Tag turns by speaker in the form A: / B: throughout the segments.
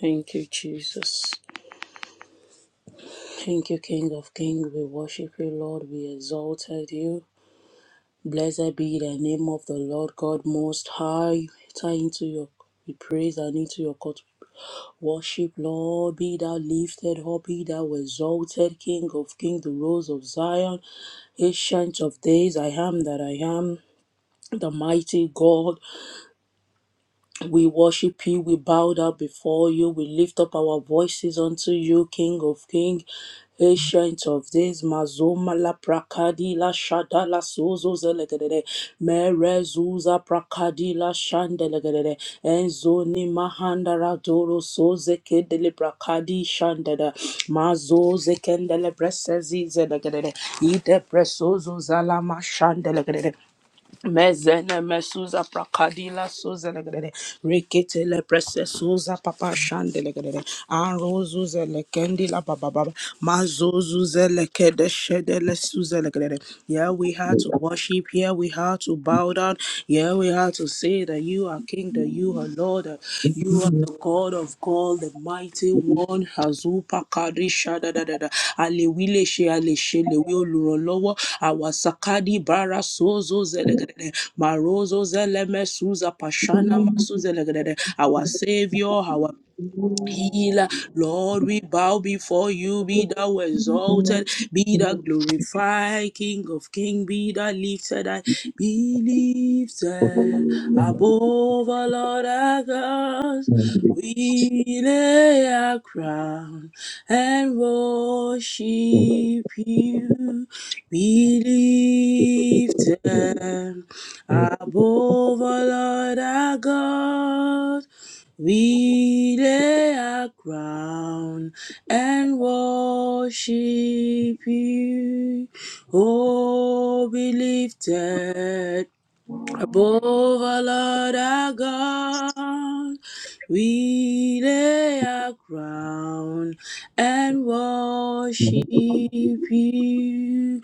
A: Thank you, Jesus. Thank you, King of Kings. We worship you, Lord. We exalted you. Blessed be the name of the Lord God Most High. Enter into your We praise and into your court. Worship, Lord. Be thou lifted up. Be thou exalted, King of Kings, the Rose of Zion, Ancient of Days. I am that I am. The mighty God. We worship you, we bow down before you, we lift up our voices unto you, King of Kings. Ancient of Days, Mazoma la Prakadi la Shada la Sozo Zelegede, Merezuza Prakadi la Shandelegede, Enzoni Mahandara Doro Soze Kedele Prakadi Shandada, Mazo Zekendele Bresezi Zelegede, Ide Presozo Zalama Shandelegede. Mezene mesuza prakadila suza legrede rekete le prese suza papa shande legrede anrozu zele kendila baba baba mazozu zele kede shede le suza legrede yeah we had to worship yeah we had to bow down yeah we had to say that you are King, that you are Lord, uh, you are the God of God, the mighty one, Azupa Kadi Shada da da da, Alewile She Aleshe Lewi Olurolowo, Awasakadi Bara Sozo Zelegede, Marozo Zeleme Suza Pashana Masu Zelegede, our Savior, our healer. Lord, we bow before you. Be thou exalted. Be thou glorified. King of kings. Be thou lifted. high. Be lifted
B: Thank
A: above all other gods. We lay our crown and worship you. Be lifted above all other gods. We lay our crown and worship you. Oh, be lifted Above our Lord our God, we lay our crown and worship you.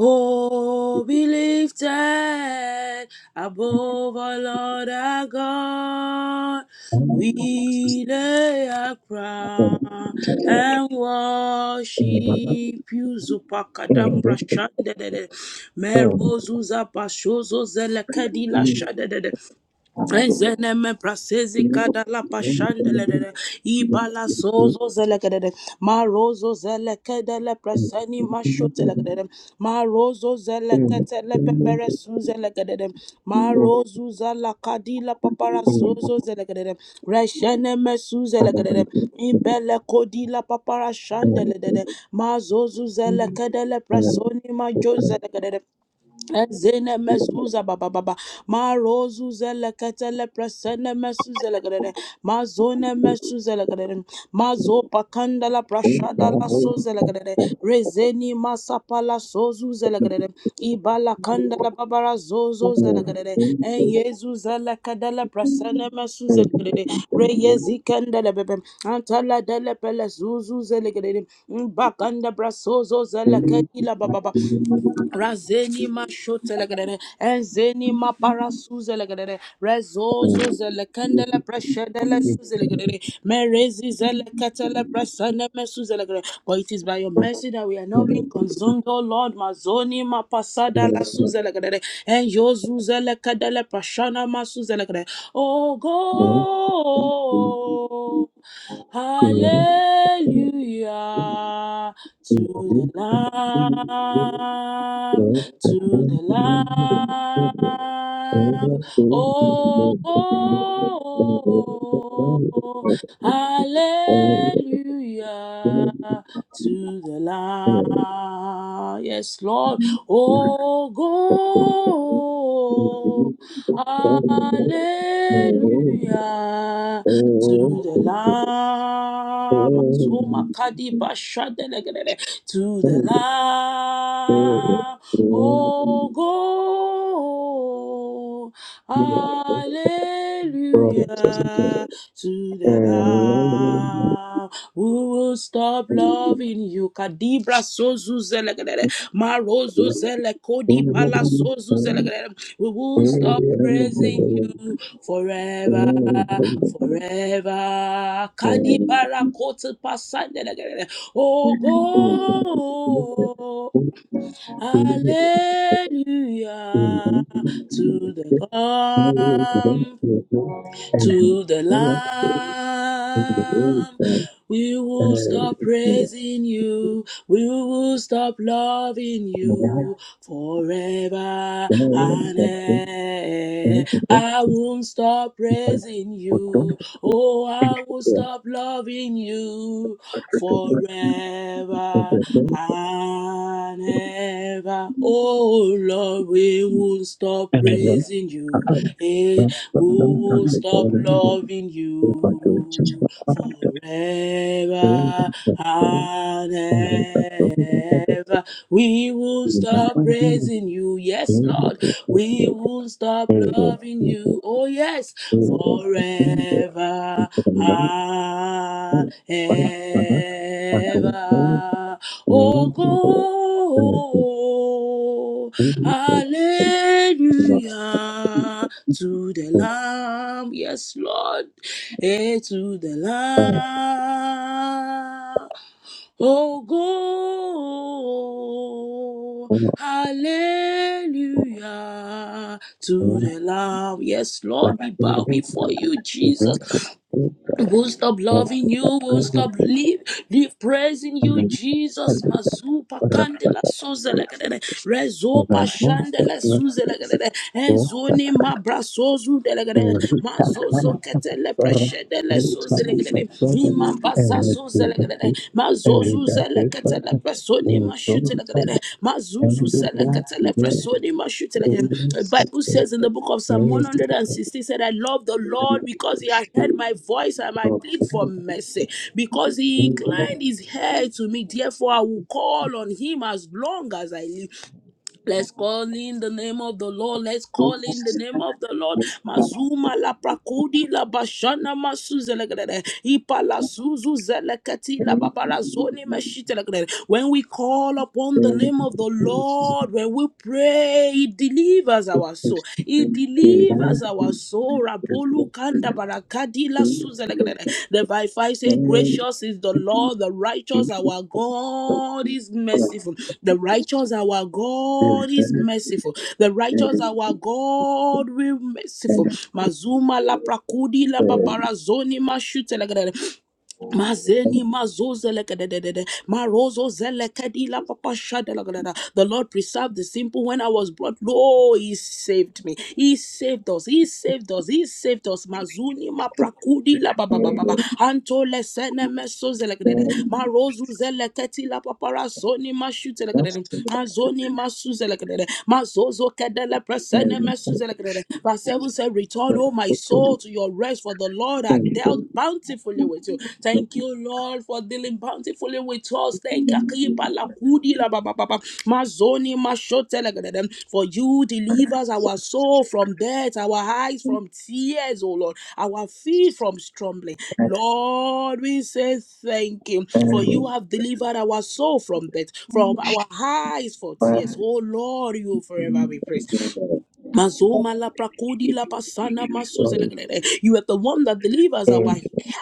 A: Oh, be lifted above our Lord our God. We lay our crown and worship you. Zupakadambra shandedede. Merozuza Bashozo Zelekadila Shadede. Enzeneme prasezi kada la pashandelede ibala sozo zelekedede marozo zelekede le preseni mashutelekedede marozo zelekete le pepere suzelekedede marozu zala kadila papara sozo zelekedede resheneme suzelekedede ibele kodila papara shandeledede mazozu zelekede le presoni majo zelekede de. Ezene mezuza baba baba marozu zele ketele presene mesuze legrede mazone mesuze legrede mazo pakanda la prashada la soze legrede rezeni masapa la sozu zelegrede ibala kanda la babara zozo zelegrede en yezu zele kedele presene mesuze legrede re
B: you.
A: yezi kende le bebe antala dele pele zuzu zelegrede mbakanda brasozo zele
B: Thank
A: kedila bababa.
B: you.
A: Razeni ma shotelegere, enzeni ma parasuzelegere, rezozo zelekendele preshedele suzelegere, merezi zeleketele presene mesuzelegere. For it is by your mercy that we are not being consumed, O Lord. Mazoni ma pasada la suzelegere, en yozu zelekedele prashana ma suzelegere. Oh God. Hallelujah to the Lamb, to the Lamb. Oh, go. Hallelujah to the Lamb. Yes, Lord. Oh, go. Hallelujah
B: And
A: to the Lamb. Zuma Kadi Basha Delegere, to the Lamb. Oh, go. Hallelujah to the Lamb. Who will stop loving you? Kadibra sozu zelegere, marozo zele kodi bala sozu zelegere. We will stop praising you forever forever. Kadibara koti pasande. Oh, go. Hallelujah to the Lamb to the Lamb. We will stop praising you. We will stop loving
B: I
A: you forever
B: Thank
A: and ever. I won't stop praising you. Oh, I will stop loving you forever and ever. Oh Lord, we won't stop praising you. Eh, we won't stop loving you forever and ever. We won't stop praising you. Yes, Lord, we won't stop loving you. Oh, yes, forever Eva, Ogo,
B: you. Thank
A: Alleluia, to the Lamb, yes, Lord, eh, to the Lamb. oh go, hallelujah to the Lamb. Yes, Lord, we bow before you, Jesus. Won't stop loving you. Won't stop live, live praising you, Jesus. Mazupa candela suzelegede, rezopa shandele suzelegede, enzoni mabrasozu delegede, mazozo ketele preshedele suzelegede, imambaza suzelegede, Mazuza lekatele presoni mashute lekatele. Mazuzu selekatele presoni mashute lekatele. The Bible says in the book of Psalm 160 said, I love the Lord because he has heard my voice and I plead
B: you.
A: for mercy. Because he
B: Thank
A: inclined his head to me, therefore I will call on him as long as I live. Let's call in the name of the Lord. Let's call in the name of the Lord. Mazuma la prakudi la bashana masuzelegrede. Ipa la suzu zeleketi la babara zoni meshitelegrede. When we call upon the name of the Lord, when we pray, He delivers our soul. He delivers our Sora Polu Kanda Barakadila Suzelegre. The verse 5 says, Gracious is the Lord, the righteous our God is merciful. The righteous our God is merciful. The righteous our God will merciful. Mazuma la prakudi la babara zoni mashutelegre. Mazeni mazuze lekedededede. Marozo zele kedila papa shada lagadada. The Lord preserved the simple when I was brought low. He saved me. He saved us. He saved us. He saved us. Mazuni maprakudi la baba baba baba. Antole sene meso zele kedede. Marozo zele keti la papara soni mashute lekedede. Mazoni masu zele kedede. Mazozo kedele presene meso zele Verse 7 said, Return, O my soul soul to your rest, for the Lord had dealt bountifully with you. Thank you, Lord, for dealing bountifully with us. Thank you, Akipa Lakudi La Ba Ba Ba Ba. Mazoni Mashote La for you delivers our
B: you.
A: soul from death, our eyes from tears, O Lord, our feet from stumbling.
B: and
A: Lord, we say thank you, for you
B: with
A: have delivered our soul from death, from our eyes for
B: climate
A: tears. Oh Lord, you will forever
B: change
A: be praised.
B: and
A: Mazoma la prakodi la pasana
B: the forest
A: masuzelekele. You are the one that delivers our
B: area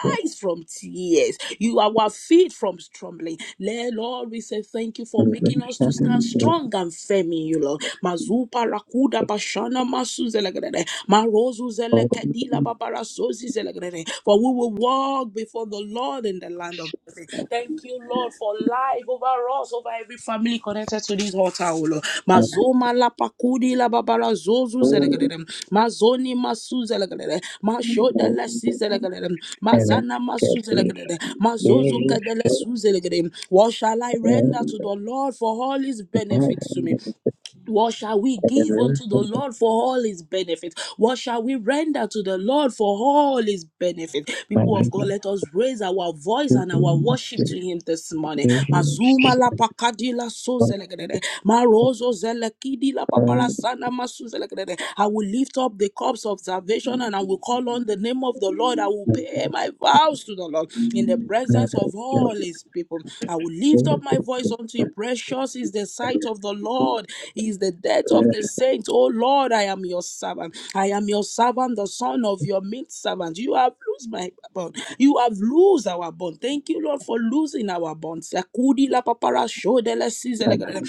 B: for
A: from tears. You are our feet from stumbling. Le- Lord, we say thank you for
B: the
A: making us to stand
B: cabinet of
A: strong and firm in you, Lord. Mazupa rakuda pashana masuzelekele. Marozu
B: all and
A: zelekedi la babara sozi zelekele. For we will walk before the Lord, in the land of blessing. Thank you, Lord, for life over us, over every family connected to this altar, O Lord. Mazoma la pakudi la babara zozu zelegadere. Mazoni masu zelegadere. Mashoda la
B: the
A: si
B: bird
A: zelegadere.
B: and like
A: Mazana
B: get
A: masu
B: the
A: zelegadere. Mazozo
B: really
A: kadele
B: short
A: su zelegadere. What shall I render
B: and
A: to the Lord for all his
B: the fire
A: benefits to
B: and
A: me?
B: the
A: What shall we give
B: federation
A: unto the
B: of
A: Lord for all his benefits? What shall we render to the Lord for all his benefits?
B: my
A: People of God,
B: neighbor
A: let us raise our voice and our
B: students
A: worship
B: to
A: to him this morning.
B: finish
A: Mazuma la
B: and
A: pakadi la so
B: what
A: zelegedede. Marozo zelekidi la
B: kind
A: paparasana masu zelegedede. I will lift up the cups of salvation and I will call on the name of the Lord. I will
B: of
A: pay declare my vows to the Lord in the
B: kind
A: presence
B: of
A: of all
B: job
A: his people. I will lift up my
B: to
A: voice unto you. Precious is the
B: compare
A: sight of the Lord, is the death of the saints. Oh Lord, I am your servant. I am your servant, the son of your meat servant. You have loosed my bond. You have loosed our bond. Thank you, Lord, for losing our bonds. Sakudi la papara shodele sizele.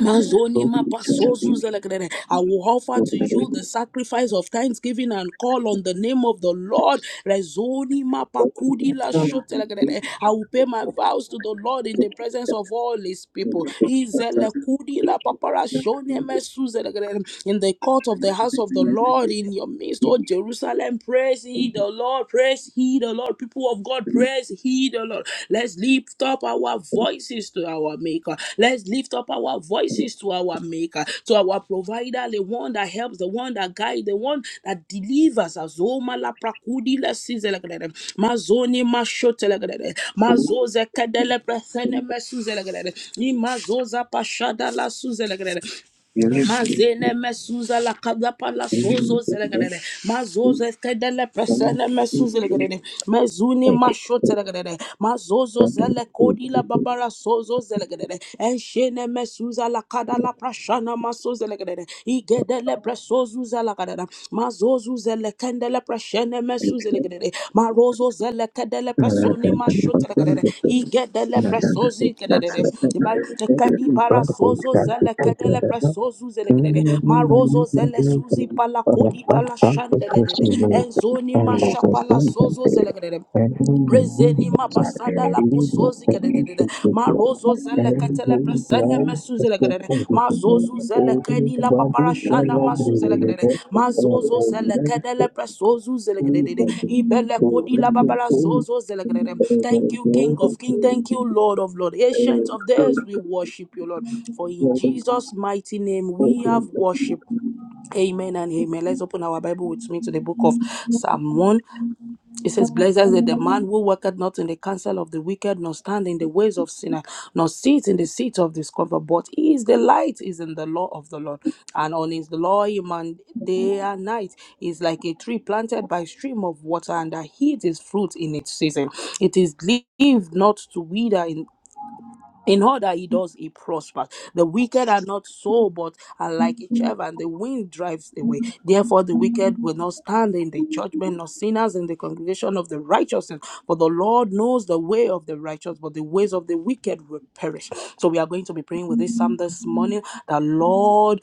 A: Mazoni mapasozu zelekedede. I will offer
B: and
A: to
B: the
A: you the sacrifice of thanksgiving and call on the name of the Lord. Rezoni
B: Thank
A: mapakudi la shotelekedede. I will pay my vows to the Lord in the presence of all his people. Izelekudi la papara shone mesu zelekedede. In the court of the house of the Lord, in your midst, O Jerusalem, praise ye the Lord, praise ye he the Lord. People of God, praise He the Lord. Let's lift up our voices to our Maker. Let's lift up our voices to our Maker, to our Provider, the one that helps, the one that guides, the one that delivers us. Oh, malaprakudi la sizelegrede. Mazoni mashotelegrede. Mazoze kedele presene mesuzelegrede. Imazoza pashada la suzelegrede. Mazene mesuza la kadapa la sozo zelegrede. Mazozo skedele presene mesuzelegrede. Mezuni masho telegrede. Mazozo zele kodi la babara sozo zelegrede. Enshene mesuza la kada la prashana maso zelegrede. Igedele presozu zelegrede marozu zele kendele preshene mesu zele gedede marozo zele kedele presoni mashotere gedede igedele presozi kedede Ba- kedi bara sozo zele kedele
B: you.
A: presozu zele
B: Thank
A: gedede marozo zele suzi pala kodi pala shandele dede enzoni masha pala sozo zele gedede Rezeni mapasada la posozi kedededede. Ma rozo zele ketele presene mesuzele kedede. Ma zozu zele kedi la paparashana masuzele kedede. Ma zozo zele kedele presozu zele kededede. Ibele kodi la babala sozo zele kedede. Thank you, King of King. Thank you, Lord of Lord. Ancient of days, we worship you, Lord. For in Jesus' mighty name we have worship. Amen and amen. Let's open our Bible with me to the book of Psalm 1. It says, Blessed is the man who walketh not in the counsel of the wicked, nor stand in the ways of sinner, nor sit in the seat of discomfort, but he is the light, is in the law of the Lord. And on his law he man day and night He is like a tree planted by stream of water, and that heeds his fruit in its season. It is leave not to wither in." In all that he does, he prospers. The wicked are not so, but are like a chaff, and the wind drives away. Therefore, the wicked will not stand in the judgment, nor sinners in the congregation of the righteous. For the Lord knows the way of the righteous, but the ways of the wicked will perish. So, we are going to be praying with this psalm this morning. The Lord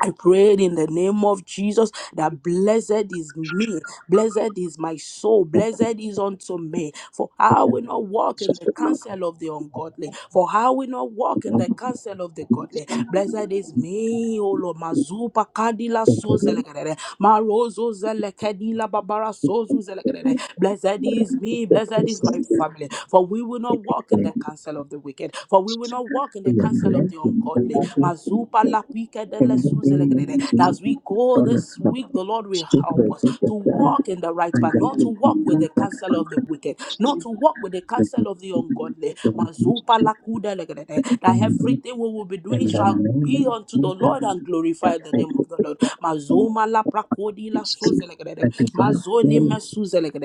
A: I prayed in the name of Jesus that blessed is me, blessed is my soul, blessed is unto me. For how we not walk in the
B: you.
A: counsel of the ungodly, for how we not
B: The
A: walk in the
B: government
A: counsel of the
B: should
A: godly.
B: consider
A: Blessed is me, O Lord, Mazupa
B: the
A: Kadila
B: possibility
A: Sozelekedere, Marozo Zelekedila Babara
B: of
A: Sozu Zelekedere.
B: establishing a
A: Blessed is
B: national system of education that would
A: me, blessed
B: provide
A: is my
B: students
A: family, for we will not
B: with the
A: walk in the
B: necessary
A: counsel of the wicked, for we
B: skills
A: will not walk in
B: to
A: the
B: be able
A: counsel
B: to
A: of the
B: compete in the
A: ungodly.
B: global
A: Zupa la pika de la suzelegrede. As we go this week, the
B: market.
A: Lord will
B: Students should be
A: help
B: able
A: us
B: to
A: to
B: develop their
A: walk in the right
B: own
A: path,
B: ideas
A: not to
B: and
A: walk
B: be
A: with
B: able to
A: the counsel of the wicked,
B: express
A: not
B: themselves
A: to
B: in
A: walk with the counsel of the ungodly. Mazupa la kuda legrede. That everything we will be doing shall be unto the Lord and glorify the name of the Lord. Mazoma la prakodi la
B: a clear
A: suzelegrede.
B: and
A: Mazoni
B: concise
A: me
B: manner.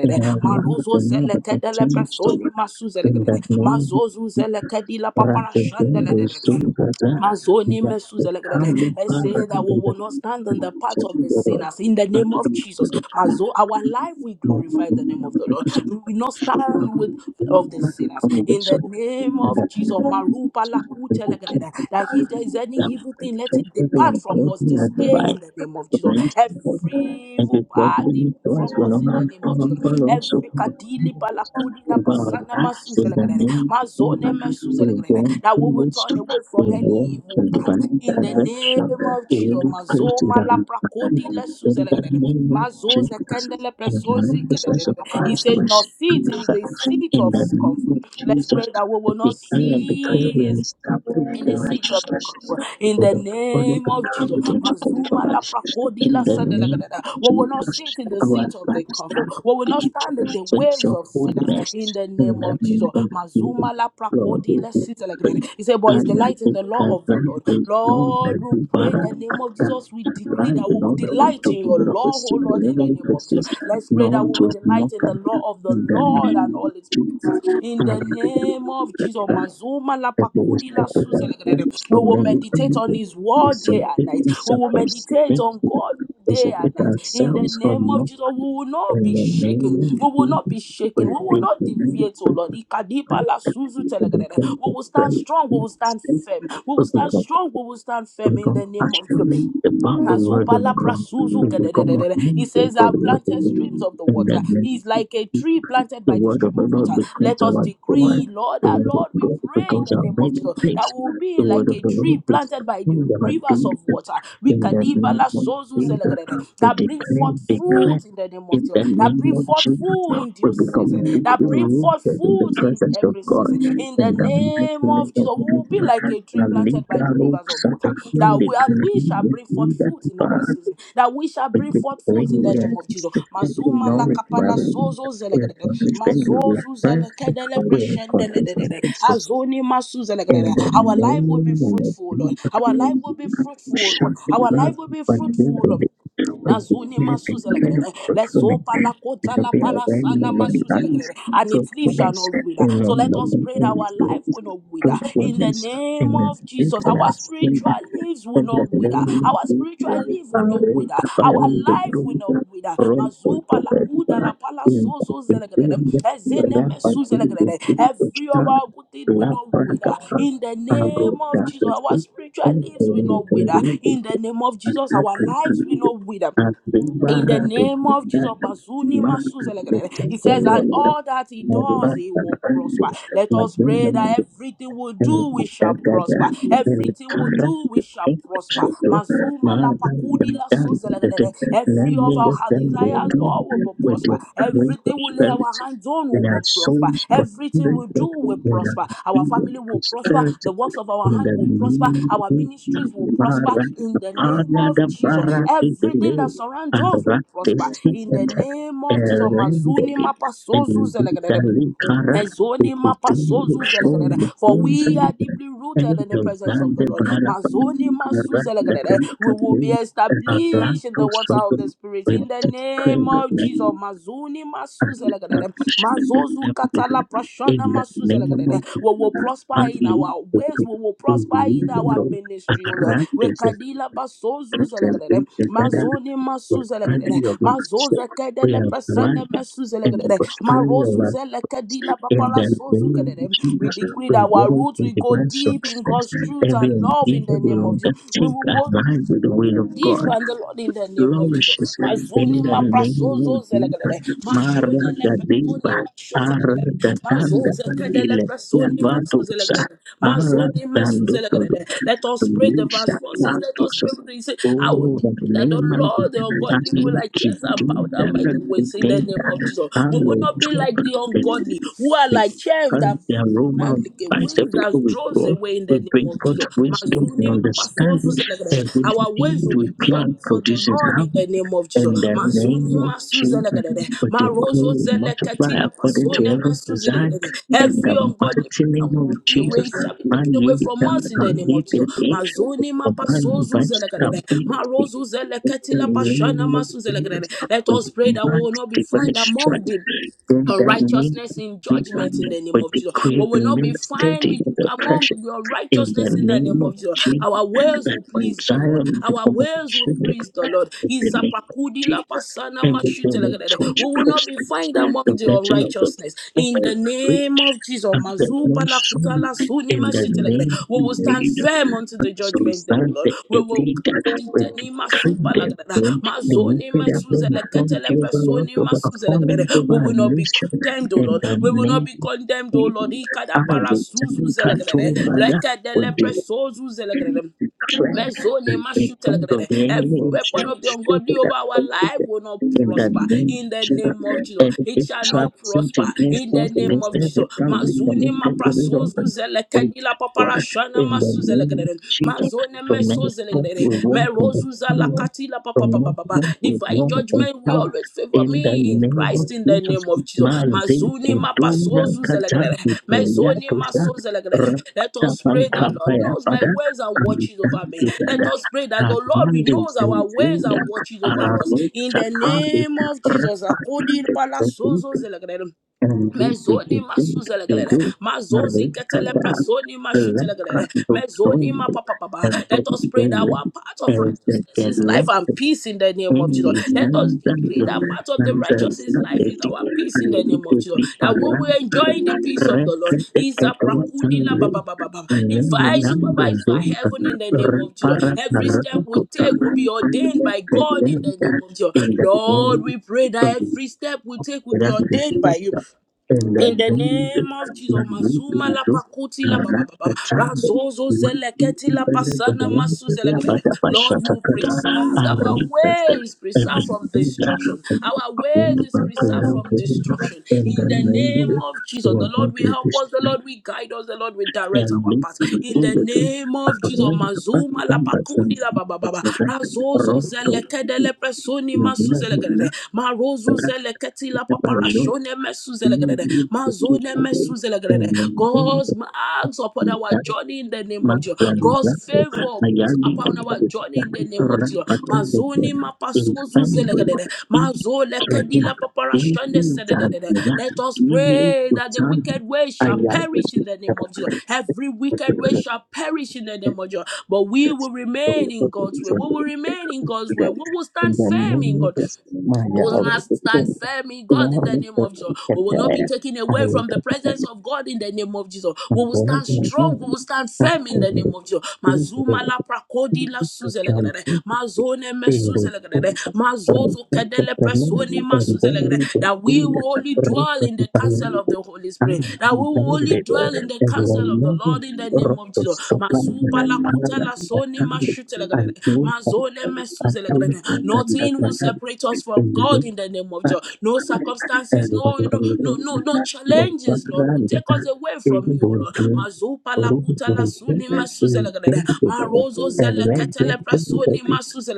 B: And I love
A: Marozo
B: the Lord that
A: zelekede le
B: changed
A: personi ma
B: in
A: suzelegrede.
B: that name
A: Mazozu zelekedi la papara
B: Ratebende
A: shandelegede.
B: Sungata
A: Mazoni mesuzelegrele.
B: Yakali
A: I say that we
B: Paradise
A: will not stand on the path of the
B: Chandra
A: sinners in the name of Jesus. Mazo, our life we glorify the name of the Lord. We will not stand with of the sinners in the
B: Congregation
A: name of
B: that is
A: Jesus.
B: a combination
A: Marupa
B: that the
A: lakutelegrele.
B: kingdom
A: That
B: time
A: if there is any
B: that
A: evil thing, let it
B: protected the
A: depart from us
B: Almighty
A: this
B: and the
A: day in
B: right
A: the name of
B: to
A: Jesus.
B: raise the Lord.
A: Every
B: And
A: evil
B: if what we
A: body
B: need to us
A: from us
B: will
A: in
B: not
A: the name of
B: come
A: Jesus.
B: for also
A: Every kadili balakudi la
B: over our
A: pasana
B: lives in the
A: masuzelegrere,
B: name of
A: mazone
B: Jesus, we
A: mesuzelegrere,
B: walk
A: that we
B: in
A: will turn
B: wisdom,
A: away from
B: will walk
A: any evil
B: in
A: path
B: divine
A: in the name
B: direction.
A: of Jesus.
B: Even Christ is
A: Mazoma
B: our
A: la
B: guide.
A: prakodi la
B: in the
A: suzelegrere,
B: name of
A: mazoze
B: Jesus.
A: kendele
B: In the
A: presozi kedere.
B: manifestness of
A: He
B: Christ, we
A: said, "Not sit
B: stand
A: in the
B: fast.
A: seat
B: In
A: of
B: the name
A: comfort."
B: of
A: Let's
B: Jesus,
A: pray that we
B: we
A: will not
B: declare and declare we
A: cease
B: establish
A: in the
B: the
A: seat of the
B: righteousness.
A: comfort, In
B: For
A: the
B: the all of
A: name
B: the
A: of
B: ground
A: Jesus.
B: into
A: Mazuma la prakodi la
B: In the name
A: sadalagadada.
B: of
A: We will not
B: Jesus,
A: sit in the
B: our
A: seat of the comfort.
B: lifestyle
A: We will not
B: begin to
A: stand in the
B: reflect
A: ways
B: your
A: of
B: holy
A: sinners. In
B: rest
A: the
B: In
A: name
B: the
A: of Jesus.
B: name of Jesus,
A: Mazuma la
B: Lord, we
A: prakodi la
B: will pray.
A: sadalagadada. He said, But is the
B: And I
A: light in
B: think
A: the law
B: that
A: of the Lord.
B: the young
A: Lord,
B: and
A: we
B: the
A: pray in the
B: baraka,
A: name of Jesus. We decree
B: right,
A: that we
B: in
A: will
B: order
A: delight
B: to
A: in your
B: give it up a
A: law, oh
B: single
A: Lord, in the
B: level
A: name of Jesus.
B: places,
A: Let's pray
B: not
A: that we will
B: with
A: delight in
B: mocker.
A: the law law of the
B: In the
A: Lord and
B: name
A: all
B: of
A: its promises.
B: Jesus.
A: In the name of Jesus, Mazuma la
B: Therefore, we
A: pakudi la
B: suffer by
A: suze la gadede.
B: friends
A: we
B: from
A: will
B: many
A: meditate on
B: another.
A: His
B: We
A: word day and
B: forgive
A: night. We will
B: suffers
A: meditate on
B: thinking
A: God
B: we
A: day
B: should
A: and
B: keep
A: night. In the
B: ourselves
A: name
B: from
A: of
B: not
A: Jesus, we will not
B: and
A: be shaken.
B: remaining
A: We will
B: in
A: not be shaken. We
B: with
A: will
B: the
A: not
B: united
A: deviate, oh
B: with
A: Lord.
B: the contact
A: Ikadipa
B: of
A: la
B: that
A: suzu
B: we have been
A: telegadada. We
B: granted
A: will stand strong. We will stand firm. We
B: by
A: will stand
B: Christ
A: strong. We will stand firm
B: of
A: in
B: God
A: the name of Jesus.
B: actually about the word
A: Mazupa
B: of
A: la
B: God in
A: prasuzu
B: the form of
A: kedededede. He
B: ministry
A: says,
B: for
A: I've
B: the word of
A: planted
B: God.
A: streams of the
B: And
A: water.
B: then
A: He's
B: let
A: like a tree planted
B: the
A: by the
B: word of
A: stream
B: the
A: of water.
B: Lord becomes
A: Let us
B: our joy.
A: decree, Lord,
B: The
A: our
B: word of
A: Lord, we
B: God
A: pray in
B: becomes
A: the
B: our
A: name of
B: main
A: Jesus that
B: place.
A: we'll
B: The
A: be
B: word
A: like
B: of
A: a
B: the
A: tree
B: Lord becomes
A: planted by the
B: our
A: rivers of
B: daily.
A: water.
B: In the
A: Wikadiba
B: name
A: la
B: of
A: sozu
B: Jesus,
A: zelegedede.
B: we
A: That bring
B: declare,
A: forth
B: declare.
A: fruit in the name of
B: In
A: Jesus.
B: the
A: That
B: name
A: bring
B: of
A: forth
B: Jesus,
A: food in
B: we
A: due
B: become
A: season. That
B: completely
A: bring forth
B: rooted in the
A: fruit in
B: presence of
A: every
B: God
A: season.
B: in
A: In
B: the
A: the
B: mighty
A: name
B: name
A: of Jesus,
B: of
A: we will
B: Jesus.
A: be like a tree
B: the
A: planted
B: legal
A: by the
B: Aligaro
A: rivers of water. That
B: Satafandi
A: we and we shall bring forth fruit in our season. That we shall
B: with
A: bring
B: the way we
A: forth fruit in
B: decree
A: the
B: we
A: name
B: are
A: of Jesus.
B: consistently
A: Mazuma la
B: knowledge
A: kapala
B: level.
A: sozo
B: We
A: zelegede.
B: are consistently
A: Mazozu
B: refreshed.
A: zelekedele
B: We are
A: preshendelelelele.
B: consistently sustained.
A: Azoni masu
B: In
A: zelekedele.
B: the
A: Our life will be
B: name of
A: fruitful, Lord. Our life
B: Jesus,
A: will be fruitful,
B: shut
A: Lord.
B: the
A: Our
B: door,
A: life will be
B: but we
A: fruitful,
B: will
A: Lord.
B: be we
A: Mazuni
B: declare the
A: masuzelekele.
B: prayer for
A: Let's
B: truthfulness.
A: open la
B: It
A: kota
B: will
A: la
B: be a rain
A: parasana
B: over the eyes,
A: masuzelekele. And its leaf shall
B: truthfulness
A: not wither.
B: in all
A: So
B: the
A: let us
B: loving
A: pray that our
B: influence,
A: life will not wither. In the
B: truthfulness
A: name
B: in the
A: of Jesus, our
B: internet, in
A: spiritual leaves will not
B: the
A: wither.
B: name
A: Our
B: of Jesus,
A: spiritual
B: the
A: leaf will not wither our
B: Bible, the
A: life will not
B: Buddha,
A: wither.
B: run for
A: Mazupa la kuda
B: the
A: la pala
B: in
A: sozo zelegrede.
B: the
A: Ezene
B: name
A: mesu
B: of
A: zelegrede. Every of
B: Jesus,
A: our good thing will not wither.
B: Laparoscopic
A: In the name
B: approach
A: of Jesus,
B: is
A: our
B: the
A: spiritual lives
B: only
A: will not
B: method
A: wither.
B: available.
A: In the name of
B: At
A: Jesus, our
B: present, there
A: lives will not wither
B: are two
A: in the
B: varieties of
A: name
B: laparoscopic
A: of Jesus,
B: methods: the
A: Bazuni Masuzelegrede.
B: first
A: he says, and all that he does, he will
B: is
A: prosper. Let
B: the
A: us pray
B: laparoscopic
A: that everything we
B: and
A: do, we shall prosper.
B: together in the
A: Everything we
B: current
A: do, we shall prosper.
B: to you,
A: Mazuma la
B: Mara,
A: pakudi la Suzelegrede.
B: the
A: Every of
B: me
A: our
B: let them go
A: desires,
B: do
A: Lord, will be
B: with
A: prosper.
B: the weight of
A: Everything we lay our
B: prosperity
A: hands on
B: in
A: will
B: our
A: be prosper.
B: souls,
A: Everything
B: prosperity
A: we do will
B: in
A: prosper.
B: our
A: Our
B: being,
A: family will prosper.
B: prosperity
A: The works of
B: in
A: our
B: the
A: hand will prosper. Our
B: name
A: ministries will
B: of
A: prosper
B: Mara,
A: in
B: the
A: the name
B: Pana
A: of
B: the
A: Jesus.
B: Bara is the
A: Everything that
B: name,
A: surrounds
B: and
A: us
B: Rate
A: will
B: The
A: prosper in the name of Jesus.
B: and
A: Mazuni
B: Rendeli,
A: mapa sozu
B: and
A: zelegrede.
B: Vitali we
A: Mazoni mapa zelegrede. For we are deeply rooted in the presence of the Lord. Mazoni masu zelegrede. We will be established in the water of the Spirit in the name of Jesus. Mazoni masu zelegrede. Mazozu katala prashana masu zelegrede. We will prosper in our way ways we will prosper in our ministry, O Lord. We kadila basozu zelegrede, mazoni masu zelegrede, mazoze kedele
B: are
A: pesene
B: one
A: mesu
B: and the
A: zelegrede,
B: prosperity of
A: marozu
B: our
A: zele kadila
B: in
A: papara
B: their relationship, the
A: sozu
B: name of
A: kedede. We
B: Jesus,
A: decree that our
B: reward
A: roots
B: for
A: will go
B: divine
A: deep in
B: success.
A: God's truth
B: Every
A: and love in
B: endeavor
A: the
B: will
A: name of Jesus. We
B: undertake
A: will go
B: aligned with the will of
A: Deep
B: God
A: on the Lord in the name of Jesus.
B: flourishes
A: Mazuni
B: in the name of
A: maprasozo
B: Jesus.
A: zelegalele.
B: Mara
A: Mashoda
B: da deva,
A: leprasoni
B: ara
A: mashotelegalele.
B: da danda,
A: Mazoze kedele
B: ile ya
A: prasoni
B: vatusa,
A: masuzelegalele.
B: ara
A: Mazoni
B: dando solo,
A: mesuzelegalele. Let us pray the verse
B: lisa
A: 4 says, Let us
B: latusa.
A: pray. with you. He said, I will
B: Oh, the
A: decree that the
B: name of
A: Lord, the
B: Jesus, as
A: ungodly, will
B: we keep
A: adjust and bow
B: doing
A: down by the
B: the
A: ways in the
B: thing
A: name
B: that
A: of Jesus. We will not be like the ungodly who are like chaff that
B: the aroma
A: and
B: of
A: the a wings that
B: we
A: draws
B: go,
A: away in the
B: we
A: name
B: bring
A: of Jesus.
B: forth wisdom and
A: Mazuni mapasozu
B: understanding
A: zelegrede.
B: a good
A: Our
B: deed
A: ways will
B: we
A: be pure
B: plant
A: for the
B: produces
A: Lord in
B: harvest.
A: the name of Jesus.
B: In the
A: Mazuni
B: name of
A: masu
B: children,
A: zelegrede.
B: but they
A: Marozo
B: declare and multiply
A: zelekati la
B: according to
A: pasone
B: every
A: masu
B: desire.
A: zelegrede.
B: In
A: Every
B: the
A: ungodly
B: mighty name
A: pattern we
B: of
A: pray away
B: Jesus,
A: shall be
B: my
A: taken away
B: lady,
A: from
B: and
A: us in
B: our
A: the name of
B: lady,
A: Jesus.
B: and angel,
A: Mazuni
B: of man,
A: mapasozu
B: divine
A: zelegrede.
B: stability.
A: Marozo zelekati
B: In
A: la
B: the
A: pashana
B: name
A: masu
B: of Jesus,
A: zelegrede. Let
B: we
A: us pray that we
B: command
A: will not be found
B: divine
A: among
B: strength.
A: them
B: In the name of
A: unrighteousness in judgment in
B: Jesus,
A: the name
B: we
A: of Jesus.
B: decree
A: We will not
B: remain
A: be found
B: steady
A: with
B: in the pressure
A: among the
B: in the
A: unrighteousness in the
B: name
A: name
B: of
A: of Jesus.
B: Jesus,
A: Our ways
B: that
A: will
B: my
A: please the
B: desire
A: Lord.
B: will
A: Our
B: become a
A: ways will
B: shape
A: please the Lord.
B: in the name of
A: Izapakudi
B: Jesus.
A: lapasana
B: everything will
A: mashitelegedede.
B: touch
A: We will not be
B: prospects,
A: found
B: the
A: among the
B: blessing of the
A: unrighteousness
B: Lord
A: in
B: will
A: the name
B: reach,
A: of Jesus.
B: and the no
A: Mazupa
B: soul
A: lakutala suni
B: in the
A: mashitelegedede.
B: name
A: We
B: of
A: will stand
B: Jesus.
A: firm unto
B: And
A: the
B: so
A: judgment day, O Lord.
B: that
A: We
B: the
A: will.
B: elite will
A: Titani
B: decree
A: masupa
B: them,
A: lagadada.
B: then the
A: Mazoni
B: wicked have no
A: masuzele ketele
B: authority over us,
A: personi
B: over our
A: masuzele gadada.
B: families, over
A: We
B: our
A: will not be
B: nation,
A: condemned, O
B: in
A: Lord.
B: the
A: We will
B: name
A: not be condemned,
B: I
A: O Lord. Ikada para
B: will tell
A: suzu
B: you,
A: zele
B: Kato,
A: gadada.
B: Rada, will
A: Lekedele
B: be
A: presozu zele gadada.
B: declare that
A: Mezoni
B: the plans of
A: mashutelegrede.
B: the
A: Every
B: enemy is
A: weapon of the ungodly
B: frustrated
A: over
B: and
A: our life
B: completed
A: will not
B: in the
A: prosper
B: name
A: in
B: of
A: the
B: Jesus.
A: name of Jesus.
B: Every
A: It shall
B: trap
A: not
B: sent
A: prosper
B: against
A: in the
B: us,
A: name
B: against
A: of
B: every
A: Jesus.
B: family
A: Mazuni
B: connected to this
A: maprasozu
B: orphan, we
A: zelekadila
B: destroy
A: paparashana
B: in the name of
A: masuzelegrede.
B: Jesus.
A: Mazone
B: From now forth,
A: mesozelegrede.
B: we walk in the
A: Merozu
B: power.
A: zalakatila
B: From now
A: papapapapa
B: forth, we
A: divine
B: walk in
A: judgment will
B: power.
A: always favor
B: In the
A: me in
B: name of
A: Christ in the
B: Jesus,
A: name of Jesus.
B: Mazi
A: Mazuni
B: Kudura
A: mapasozu
B: Kata
A: zelegrere.
B: Kuya
A: Mezoni
B: Tusa
A: maso zelegrere. Let us pray the Lord knows
B: Rakapan
A: my ways and watches over
B: Shanti
A: me. Let
B: Dada,
A: us pray that the Lord
B: Ramondi
A: knows our ways
B: Zinzilia,
A: and watches over us.
B: Ararot
A: In the
B: Chakali,
A: name of Jesus. Akodi
B: Rapanande
A: palasozo
B: Vedita,
A: zelegrere.
B: and Diti
A: Mezoni
B: Diti
A: masuzelegelele,
B: Diti,
A: mazozi ketele
B: Marikada,
A: presoni mashutelelele,
B: Lekrando
A: mezoni
B: Sondi,
A: mapapapapa.
B: and
A: Let us pray that our
B: Provendele,
A: part of
B: as the
A: righteousness is life and
B: galactic
A: peace in the name of Jesus.
B: enemies,
A: Let us decree that
B: Nandando,
A: part of the righteous is life is
B: Nanzazadeti,
A: our peace in the
B: and
A: name of Jesus.
B: Diti
A: That we
B: Parang,
A: will enjoy the peace of the Lord.
B: Rekete
A: Is a
B: Ketawatan
A: prakudila Baba. baba baba.
B: Thank
A: Divine supervise for heaven in the name of Jesus. Every step we take will be ordained by God in the name of Jesus. Lord, we pray that every step we take will be ordained by you. In the name of Jesus, Mazuma la pakuti la ba ba ba ba. ba. Razozo zeleketi la pasana masu zelekete. Lord, you preserve our ways, preserve from destruction. Our ways is preserved from destruction. In the name of Jesus, the Lord will help us. The Lord will guide us. The Lord will direct our path. In the
B: you
A: name of
B: mas
A: Jesus, Mazuma la pakudi la ba ba ba ba. Razozo zelekete le presoni masu zelekete. Marozu zeleketi sila papara shone mesuzelegrede. Mazone mesuzelegrede. God's marks upon our journey in the name of Jesus. God's favor marks upon our journey in the name of Jesus. Mazoni mapasozu zelegrede. Mazole kedila papara shone sedededede. Let us pray that the wicked way shall
B: Ayah,
A: perish in the name of Jesus. Every wicked way shall perish in the name of Jesus. But we
B: So
A: will
B: we
A: remain in
B: put
A: God's
B: things
A: way. We
B: on the reason
A: will
B: we pick
A: remain in
B: up
A: God's way.
B: today.
A: We will
B: In
A: stand
B: the
A: firm in
B: name of
A: God.
B: this
A: We
B: Maya
A: will
B: of
A: not
B: the
A: stand
B: Lord,
A: firm, firmly, God, in
B: love
A: the name
B: the
A: of Jesus. We
B: ticket
A: will not be
B: there.
A: taken
B: I
A: away
B: will
A: from the
B: get
A: presence
B: them.
A: of God in the name of Jesus. We
B: And
A: will
B: one
A: stand
B: of my
A: strong. We
B: name,
A: will stand
B: that
A: firm in
B: is
A: the
B: the
A: name of Jesus. Mazuma la prakodi
B: Jesus
A: la
B: to John
A: suzelegrede.
B: in the
A: Mazone me suzelegrede.
B: sense of
A: Mazozo kedele
B: respected
A: presoni
B: and
A: ma
B: very
A: suzelegrede.
B: good
A: That we
B: in the
A: will only
B: force. record the name, and then we will be
A: dwell
B: able
A: in
B: to
A: the counsel
B: find
A: of the Holy
B: and
A: Spirit.
B: when
A: That we
B: to that
A: will
B: that
A: only dwell in
B: that
A: the counsel of the
B: matter
A: Lord in the name of Jesus. Mazupa la kutela soni ma shutelegrede. Nothing will separate us
B: in
A: from
B: the day.
A: God in the name of Jesus. No circumstances,
B: and what
A: no
B: you can
A: no
B: do,
A: no no, no
B: the
A: challenges,
B: water
A: Lord, will
B: and the
A: take us away
B: in the
A: from you, Lord.
B: dream,
A: Mazupa la
B: room,
A: kuta la
B: room, in
A: suni
B: the and
A: masuzelegrede. Marozo
B: when they
A: zeleketele
B: think of it,
A: prasoni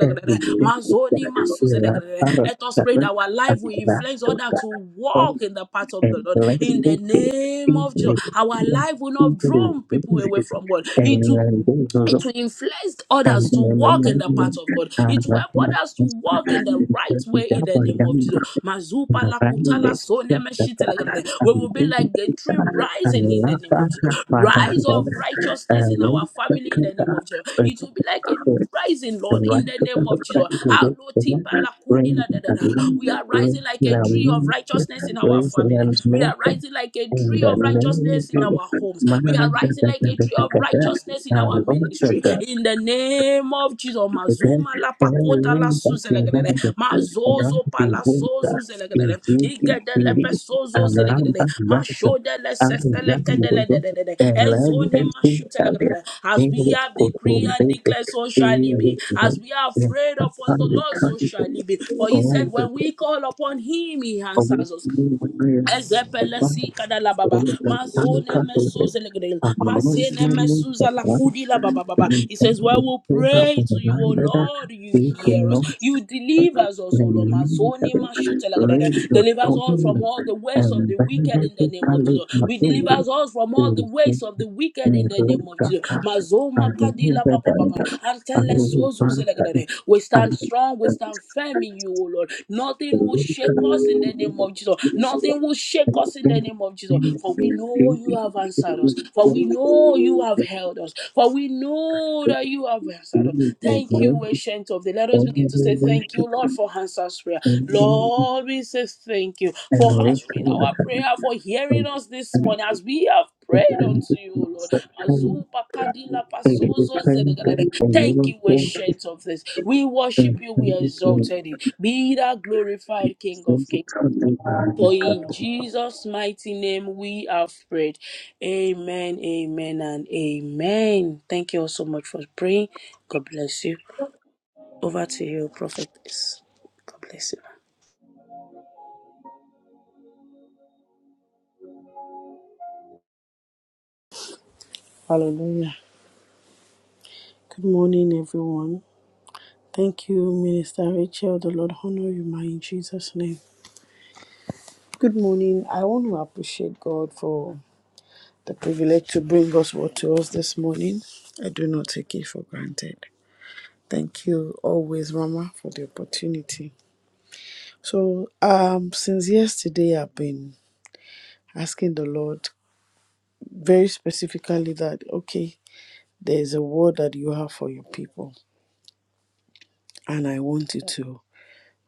B: and we think of
A: Mazoni
B: that, we are
A: masuzelegrede. Let us
B: parents,
A: pray that our life
B: and
A: will influence others
B: that,
A: to walk in the path of the
B: and
A: Lord. In the
B: legacy pick
A: name of Jesus,
B: easily,
A: our
B: yeah,
A: life will not
B: easily,
A: draw people away
B: easily.
A: from God.
B: And
A: It will
B: then those
A: it
B: also,
A: will influence
B: and then
A: others to walk in the path
B: when
A: of God.
B: I
A: It will
B: was
A: help
B: much
A: others to walk in the right
B: because
A: way in
B: that
A: the
B: was
A: name of
B: done
A: Jesus.
B: in
A: Mazupa
B: a
A: la
B: very
A: kutala
B: less
A: sone
B: of
A: me
B: the
A: shite la We will be
B: and
A: like a tree
B: then
A: rising in
B: I
A: the
B: love
A: name of Jesus.
B: that
A: Rise of
B: that I
A: righteousness in
B: wrote
A: our
B: the
A: family in the name
B: kata
A: of Jesus.
B: but
A: It will be like a
B: for
A: rising,
B: the
A: Lord,
B: right
A: in the
B: to
A: name
B: the
A: of Jesus.
B: practice of
A: How
B: the
A: no
B: brain
A: tipa
B: and
A: la kudi
B: brain
A: la da da da. We are rising like a tree of righteousness in our family.
B: the moon
A: We
B: brain
A: are rising like a
B: Thank
A: tree of righteousness in our in our homes. We are rising like a tree of righteousness in our ministry. In the name of Jesus. Mazuma la pakota la suzelegrede. Mazozo pala sozu zelegrede. Igedele pesozo zelegrede. Mashodele sesele kedele dededede. Enzoni mashutelegrede. As we have decree and declare, so shall it be. As we are afraid upon the Lord, so shall it be. For he said, when we call upon him, he answers us. Ezepele si kada la baba. Mazone
B: you.
A: mesuze legedel.
B: We cannot suffer
A: Mazene mesuza la
B: the
A: kudi la baba
B: need of
A: baba.
B: it.
A: He says, "Well, we'll pray to you, O Lord. You hear us. You deliver us, O Lord. Mazone mashute legedel.
B: Raise your
A: Deliver us all from
B: children
A: all the ways of
B: and
A: the wicked
B: benefit
A: in the
B: the
A: name of
B: college
A: Jesus. We deliver
B: machine
A: us all from all the
B: is
A: ways of the the wicked in the
B: neglect
A: name of
B: the
A: Jesus.
B: cast
A: Mazoma
B: and the user
A: kadila pa
B: data
A: pa pa
B: and
A: pa. Antele
B: the
A: sozu
B: person
A: zelegrede. We stand strong, we
B: and
A: stand firm in you, O Lord. Nothing will shake us in the name of Jesus. Nothing will shake us in the name of Jesus. For we know you have answered us. For we know you have held us. For we know that you have answered us. Thank
B: the
A: you, ancient of the. Let us begin
B: Only
A: to
B: we
A: say thank you,
B: worship
A: Lord,
B: and
A: for answers prayer.
B: only we
A: Lord, we say thank you for answering
B: adoration
A: our prayer, for hearing
B: and
A: us this morning as we have prayed
B: and
A: unto you, O
B: the
A: Lord.
B: suffering.
A: Azupa kadila
B: And we
A: pasozo
B: pray God
A: zenegadede.
B: for
A: Thank
B: your
A: you, we
B: faith
A: shades of this. We worship
B: and
A: you,
B: for
A: we
B: your
A: exalted you. Be thou
B: deep
A: glorified King of
B: sense
A: Kings.
B: of
A: For in
B: love.
A: Jesus' mighty name we have prayed. Amen, amen, and amen. Thank you all so much for praying. God bless you. Over to you, prophetess. God bless you.
C: Hallelujah. Good morning, everyone. Thank you, Minister Rachel. The Lord honor you, ma, in Jesus' name. Good morning. I want to appreciate God for the privilege to bring us word to us this morning. I do not take it for granted. Thank you always, Mama, for the opportunity. So, um, since yesterday, I've been asking the Lord very specifically that, okay, there's a word that you have for your people, and I want you to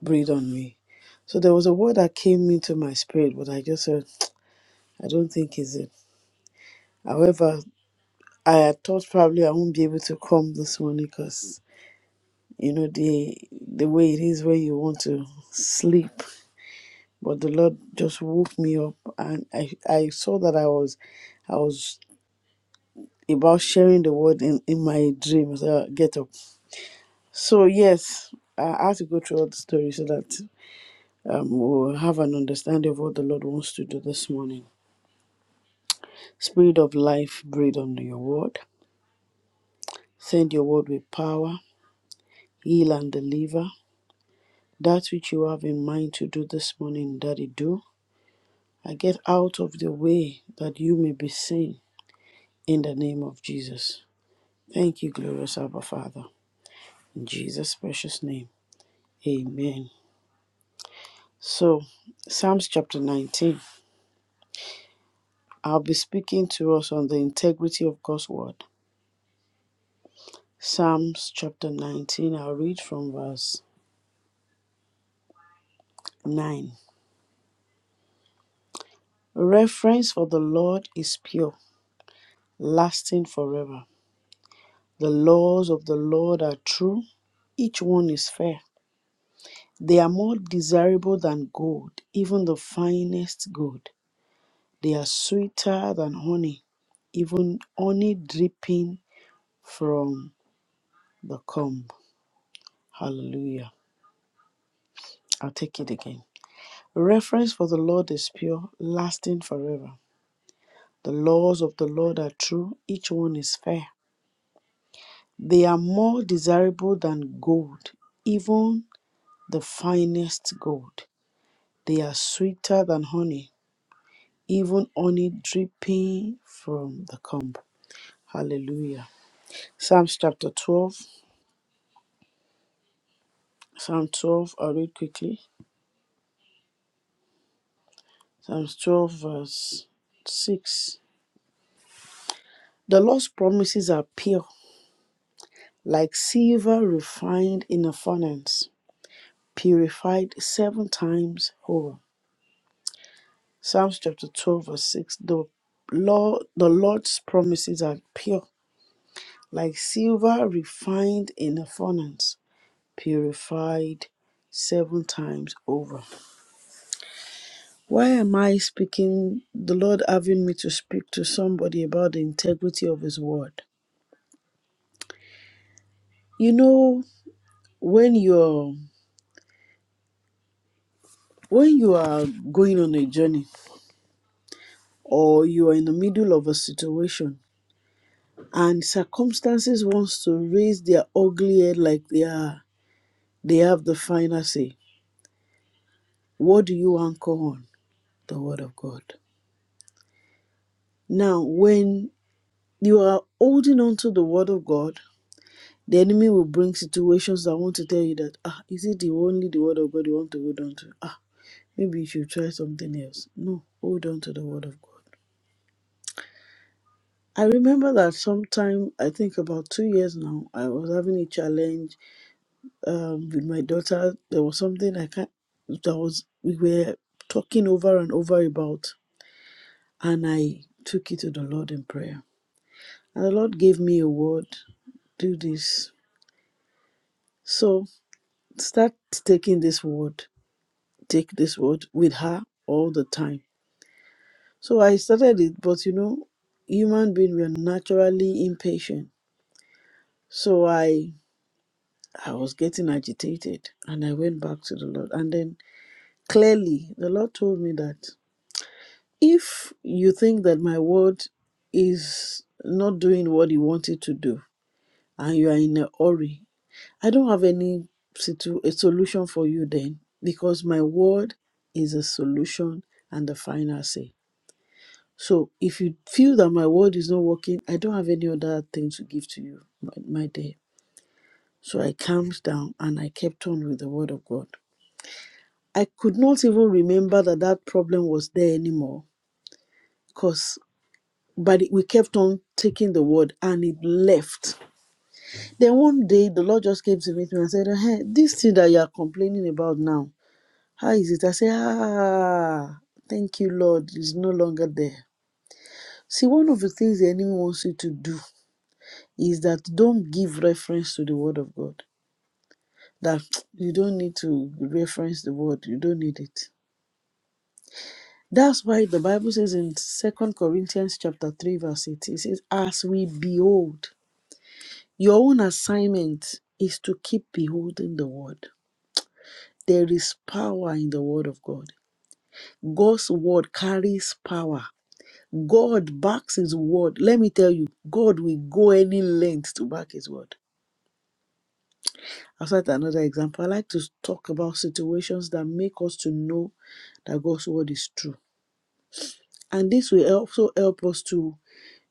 C: breathe on me. So there was a word that came into my spirit, but I just said, I don't think is it. However, I had thought probably I won't be able to come this morning because you know the the way it is when you want to sleep. But the Lord just woke me up, and I I saw that I was I was about sharing the word in in my dreams. Uh, get up. So yes, I have to go through all the story so that um, we'll have an understanding of what the Lord wants to do this morning. Spirit of life, breathe on your word. Send your word with power, heal and deliver. That which you have in mind to do this morning, Daddy, do. I get out of the way that you may be seen in the name of Jesus. Thank you, glorious Abba Father. In Jesus' precious name, amen. So, Psalms chapter 19. I'll be speaking to us on the integrity of God's word. Psalms chapter 19, I'll read from verse 9. Reference for the Lord is pure, lasting forever. The laws of the Lord are true, each one is fair. They are more desirable than gold, even the finest gold. They are sweeter than honey, even honey dripping from the comb. Hallelujah. I'll take it again. Reference for the Lord is pure, lasting forever. The laws of the Lord are true, each one is fair. They are more desirable than gold, even the finest gold. They are sweeter than honey, even honey dripping from the comb. Hallelujah. Psalms chapter 12. Psalm 12, I'll read quickly. Psalms 12, verse 6. The Lord's promises are pure, like silver refined in a furnace, purified seven times over. Psalms chapter 12, verse 6 The Lord, the Lord's promises are pure, like silver refined in a furnace, purified seven times over. Why am I speaking, the Lord having me to speak to somebody about the integrity of His word? You know, when you're when you are going on a journey or you are in the middle of a situation and circumstances wants to raise their ugly head like they are They have the final say. What do you anchor on? The Word of God. Now, when you are holding on to the Word of God, the enemy will bring situations that want to tell you that, ah, is it the only the Word of God you want to hold on to? Ah, maybe you should try something else. No, hold on to the Word of God. I remember that sometime, I think about two years now, I was having a challenge um, with my daughter. There was something I can't, that was, we were talking over and over about. and I took it to the Lord in prayer. And the Lord gave me a word do this. So start taking this word, take this word with her all the time. So I started it, but you know, human being we are naturally impatient. So I I was getting agitated and I went back to the Lord. And then clearly the Lord told me that if you think that my word is not doing what he wanted to do, and you are in a hurry, I don't have any situ- a solution for you then because my word is a solution and the final say. So if you feel that my word is not working, I don't have any other thing to give to you, my, my dear. So I calmed down and I kept on with the word of God. I could not even remember that that problem was there anymore because but it- we kept on taking the word and it left Then one day the Lord just came to meet me and said, hey, this thing that you are complaining about now, how is it? I said, ah, thank you, Lord, it's no longer there. See, one of the things the enemy wants you to do is that don't give reference to the word of God. That you don't need to reference the word, you don't need it. That's why the Bible says in Second Corinthians chapter 3, verse 8, it says, As we behold, your own assignment is to keep beholding the word There is power in the word of God. God's word carries power. God backs his word. Let me tell you, God will go any length to back his word. I'll cite another example. I like to talk about situations that make us to know that God's word is true. And this will also help us to,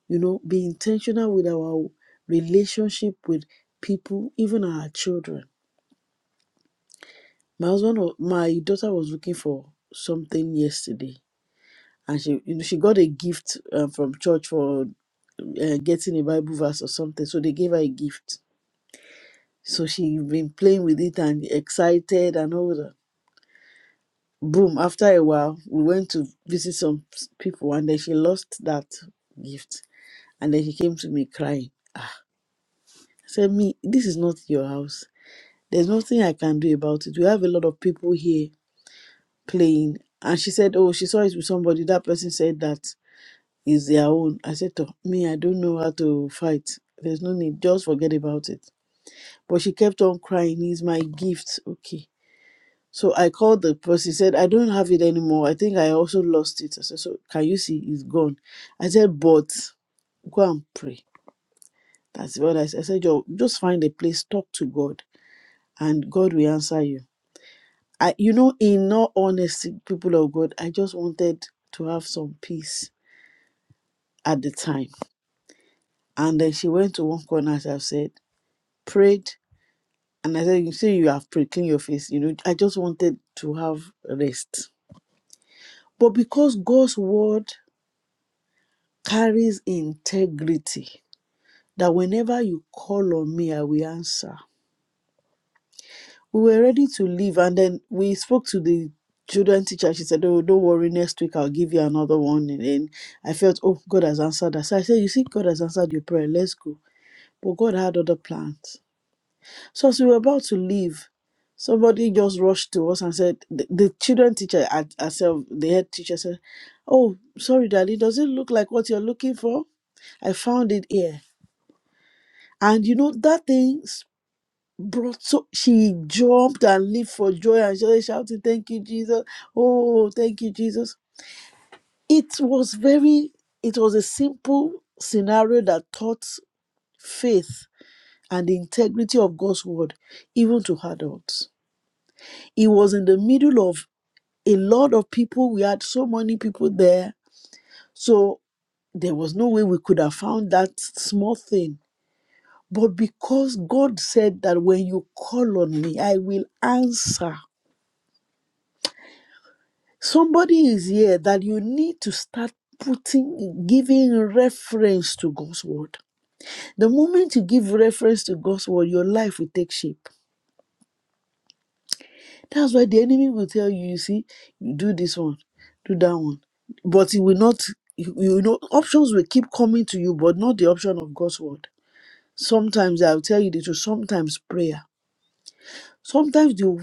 C: you know, be intentional with our relationship with people, even our children. My husband, wa- my daughter was looking for something yesterday and she you know, she got a gift uh, from church for uh, getting a Bible verse or something. So they gave her a gift. So she been playing with it and excited and all that. Boom! After a while, we went to visit some s- people, and then she lost that gift, and then she came to me crying. I said, "Me, this is not your house. There's nothing I can do about it. We have a lot of people here playing." And she said, "Oh, she saw it with somebody. That person said that." is their own. I said, "Toh, me, I don't know how to fight. There's no need. Just forget about it. But she kept on crying, he's my gift. Okay. So I called the person, said, I don't have it anymore. I think I also lost it. I said, So can you see it's gone? I said, But go and pray. That's what I said. I said, "Yo, just find a place, talk to God, and God will answer you. I you know, in all honesty, people of God, I just wanted to have some peace at the time. And then she went to one corner, as I've said, prayed and I said, You say you have prayed, clean your face. You know, I just wanted to have rest. But because God's word carries integrity, that whenever you call on me, I will answer. We were ready to leave, and then we spoke to the children teacher. She said, Oh, don't worry, next week I'll give you another one. And then I felt, Oh, God has answered us. So I said, You see, God has answered your prayer. Let's go. But God had other plans. So as we were about to leave, somebody just rushed to us and said, the, the children teacher at- herself, the head teacher said, Oh, sorry, Daddy, does it look like what you're looking for? I found it here. And you know, that thing s- brought so she jumped and leaped for joy and she shouted, Thank you, Jesus. Oh, thank you, Jesus. It was very, it was a simple scenario that taught faith and the integrity of God's word, even to adults It was in the middle of a lot of people. We had so many people there. So there was no way we could have found that small thing. But because God said that when you call on me, I will answer. Somebody is here that you need to start putting, giving reference to God's word. The moment you give reference to God's word, your life will take shape. That's why the enemy will tell you, you see, you do this one, do that one. But it will not, you, you know, options will keep coming to you, but not the option of God's word. Sometimes I'll tell you the truth, sometimes prayer. Sometimes you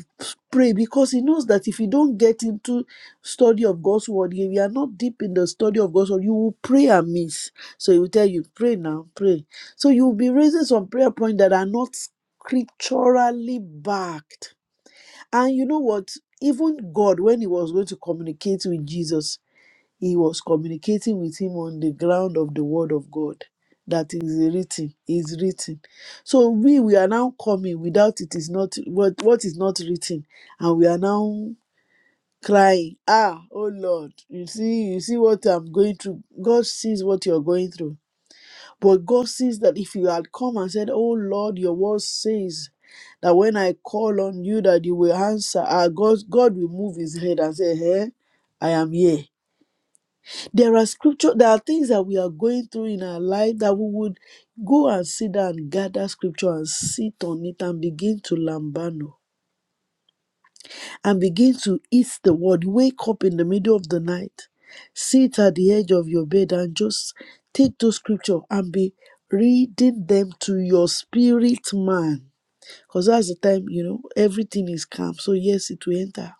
C: pray because he knows that if you don't get into study of God's word, if you are not deep in the study of God's word, you will pray amiss. So he will tell you, pray now, pray. So you will be raising some prayer points that are not scripturally backed and you know what? Even God, when he was going to communicate with Jesus, he was communicating with him on the ground of the word of God. That is written, is written. So we we are now coming without it is not what what is not written, and we are now crying, ah, oh Lord, you see, you see what I'm going through. God sees what you're going through but God sees that if you had come and said, Oh Lord, your word says that when I call on you that you will answer, ah, God, God will move his head and say, Hey, I am here. There are scripture, there are things that we are going through in our life that we would go and sit down, and gather scripture and sit on it and begin to lambano and begin to eat the word. Wake up in the middle of the night, sit at the edge of your bed, and just take those scripture and be reading them to your spirit man. Because that's the time, you know, everything is calm. So, yes, it will enter.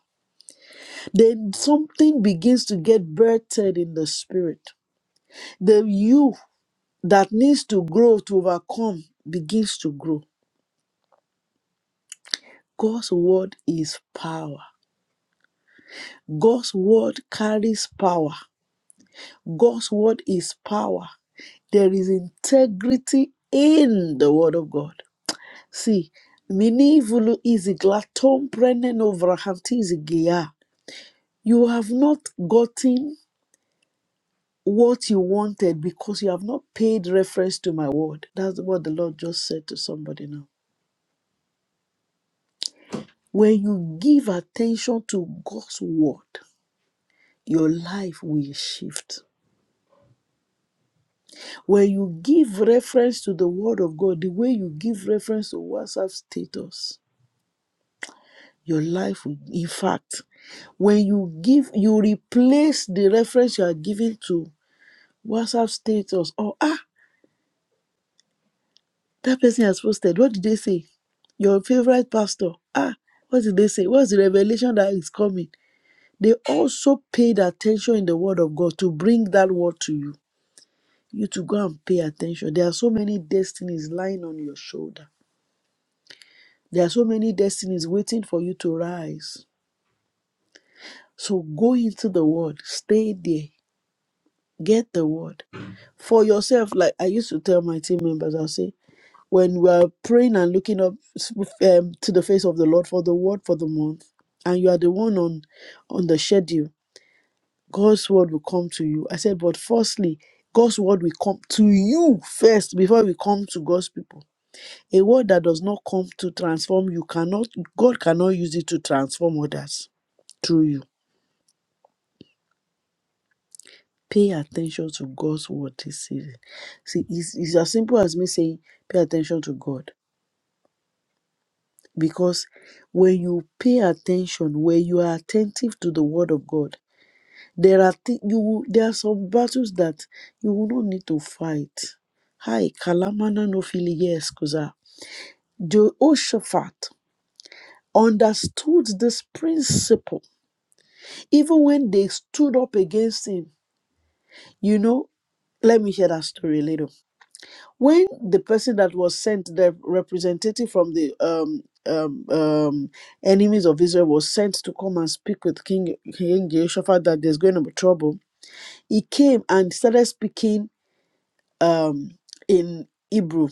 C: Then something begins to get birthed in the spirit. The you that needs to grow to overcome begins to grow. God's word is power. God's word carries power. God's word is power. There is integrity in the word of God. See, minivulu is glatom prenen overhantis geya. You have not gotten what you wanted because you have not paid reference to my word. That's what the Lord just said to somebody now. When you give attention to God's word, your life will shift When you give reference to the word of God, the way you give reference to WhatsApp status, your life will, in fact, when you give, you replace the reference you are giving to WhatsApp status or, ah, that person has posted. What did they say? Your favorite pastor. Ah, what did they say? What's the revelation that is coming? They also paid attention in the word of God to bring that word to you. You to go and pay attention. There are so many destinies lying on your shoulder There are so many destinies waiting for you to rise. So go into the word, stay there, get the word for yourself. Like I used to tell my team members, I'll say, when we are praying and looking up um, to the face of the Lord for the word for the month, and you are the one on on the schedule, God's word will come to you. I said, but firstly, God's word will come to you first before we come to God's people. A word that does not come to transform you cannot, God cannot use it to transform others through you. Pay attention to God's word this season. See, it's, it's as simple as me saying, pay attention to God. Because when you pay attention, when you are attentive to the word of God, there are thi- you will- there are some battles that you will not need to fight. Hi, Kalamana no fili yes, Kuza. Jehoshaphat understood this principle Even when they stood up against him, you know, let me share that story a little. When the person that was sent, the representative from the um, um, um, enemies of Israel, was sent to come and speak with King King Jehoshaphat that there's going to be trouble, he came and started speaking um, in Hebrew.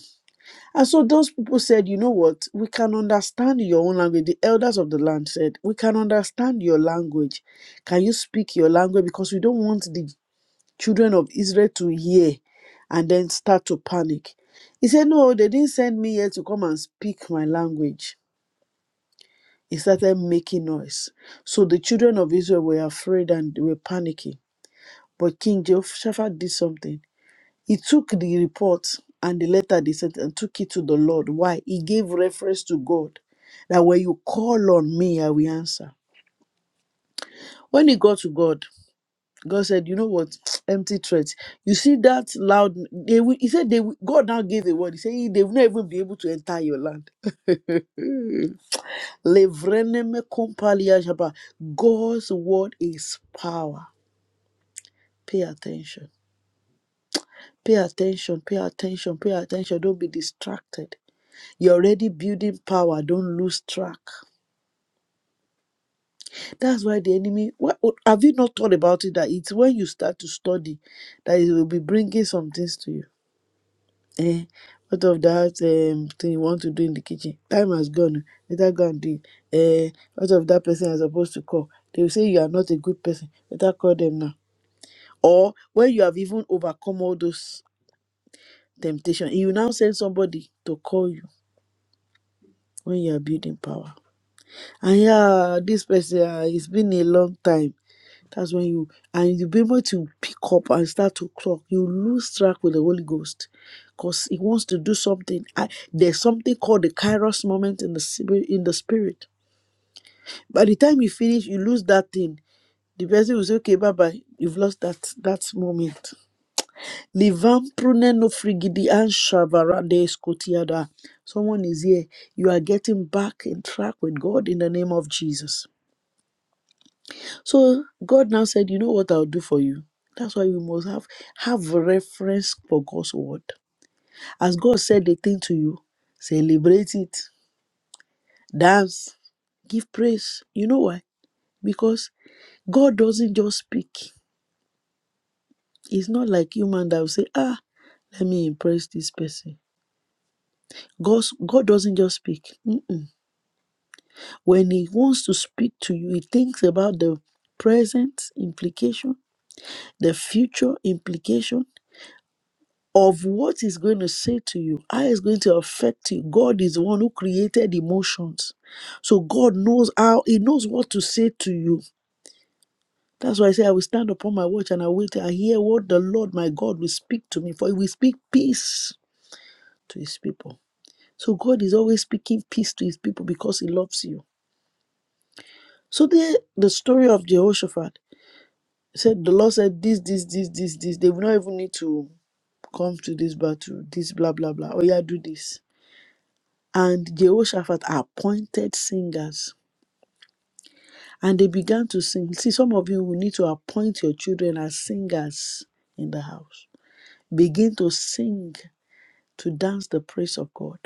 C: And so those people said, you know what, we can understand your own language. The elders of the land said, we can understand your language. Can you speak your language? Because we don't want the children of Israel to hear and then start to panic. He said, No, they didn't send me here to come and speak my language. He started making noise. So the children of Israel were afraid and they were panicking. But King Jehoshaphat did something. He took the report and the letter they sent and took it to the Lord. Why? He gave reference to God that when you call on me, I will answer. When he got to God, God said, you know what? Empty threats. You see that loud. They will, he said, they will, God now gave a word. He said, they will not even be able to enter your land. Levreneme kompalia jaba. God's word is power. Pay attention. Pay attention. Pay attention. Pay attention. Don't be distracted. You're already building power. Don't lose track. That's why the enemy. What, what- have you not thought about it? That it's when you start to study that it will be bringing some things to you Eh, what of that um, thing you want to do in the kitchen? Time has gone. oh, Better go and do it. Eh, what of that person you're supposed to call? They will say you are not a good person. Better call them now. Or when you have even overcome all those temptations, you now send somebody to call you when you are building power. And yeah, this person, ah, it's been a long time. That's when you and you'll be able to pick up and start to talk. You lose track with the Holy Ghost because He wants to do something. I, there's something called the Kairos moment in the spirit. In the spirit, by the time you finish, you lose that thing. The person will say, "Okay, bye bye. You've lost that that moment." Livan pruneno frigidi and shavarade skotiada. Someone is here. You are getting back in track with God in the name of Jesus. So God now said, You know what I'll do for you? That's why you must have have reference for God's word. As God said the thing to you, celebrate it, dance, give praise. You know why? Because God doesn't just speak. It's not like human that will say, Ah, let me impress this person. God's, God doesn't just speak. Mm. When He wants to speak to you, He thinks about the present implication, the future implication, of what he's going to say to you, how it's going to affect you. God is the one who created emotions. So God knows how, he knows what to say to you. That's why I say, I will stand upon my watch and I wait. till I hear what the Lord my God will speak to me, for he will speak peace to his people. So God is always speaking peace to his people because he loves you. So there, the story of Jehoshaphat said, the Lord said, this, this, this, this, this. They will not even need to come to this battle, this, blah, blah, blah. Oh, yeah, do this And Jehoshaphat appointed singers. And they began to sing. See, some of you will need to appoint your children as singers in the house. Begin to sing, to dance the praise of God.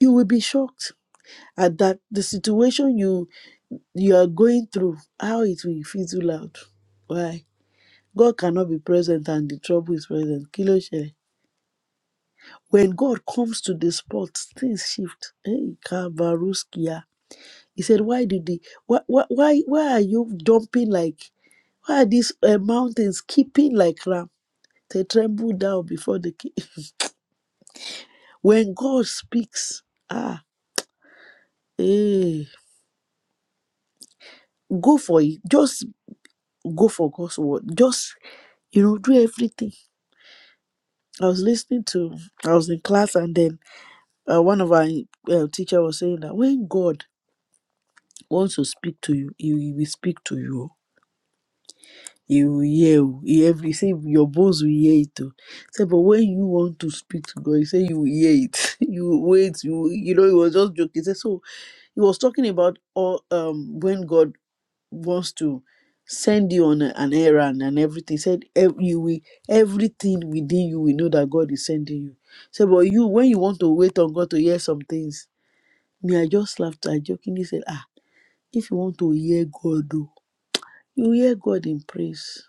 C: You will be shocked at that the situation you you are going through, how it will fizzle out. Why? God cannot be present and the trouble is present. Kilo shele. When God comes to the spot, things shift. Hey, Kabaruskia. He said, Why did the why why why, why are you dumping like why are these uh, mountains keeping like ram? They tremble down before the king. when God speaks, ah, eh, go for it. Just go for God's word. Just you know, do everything. I was listening to, I was in class, and then uh, one of our uh, teacher was saying that when God wants to speak to you, He will speak to you he will hear o he every say your bones will hear it o say but when you want to speak to God he say you will hear it you will wait you will- you know he was just joking He say so he was talking about all um when God wants to send you on a- an errand and everything He said ev- you will everything within you will know that God is sending you say but you when you want to wait on God to hear some things me I just laughed I jokingly said ah if you want to hear God o you will hear God in praise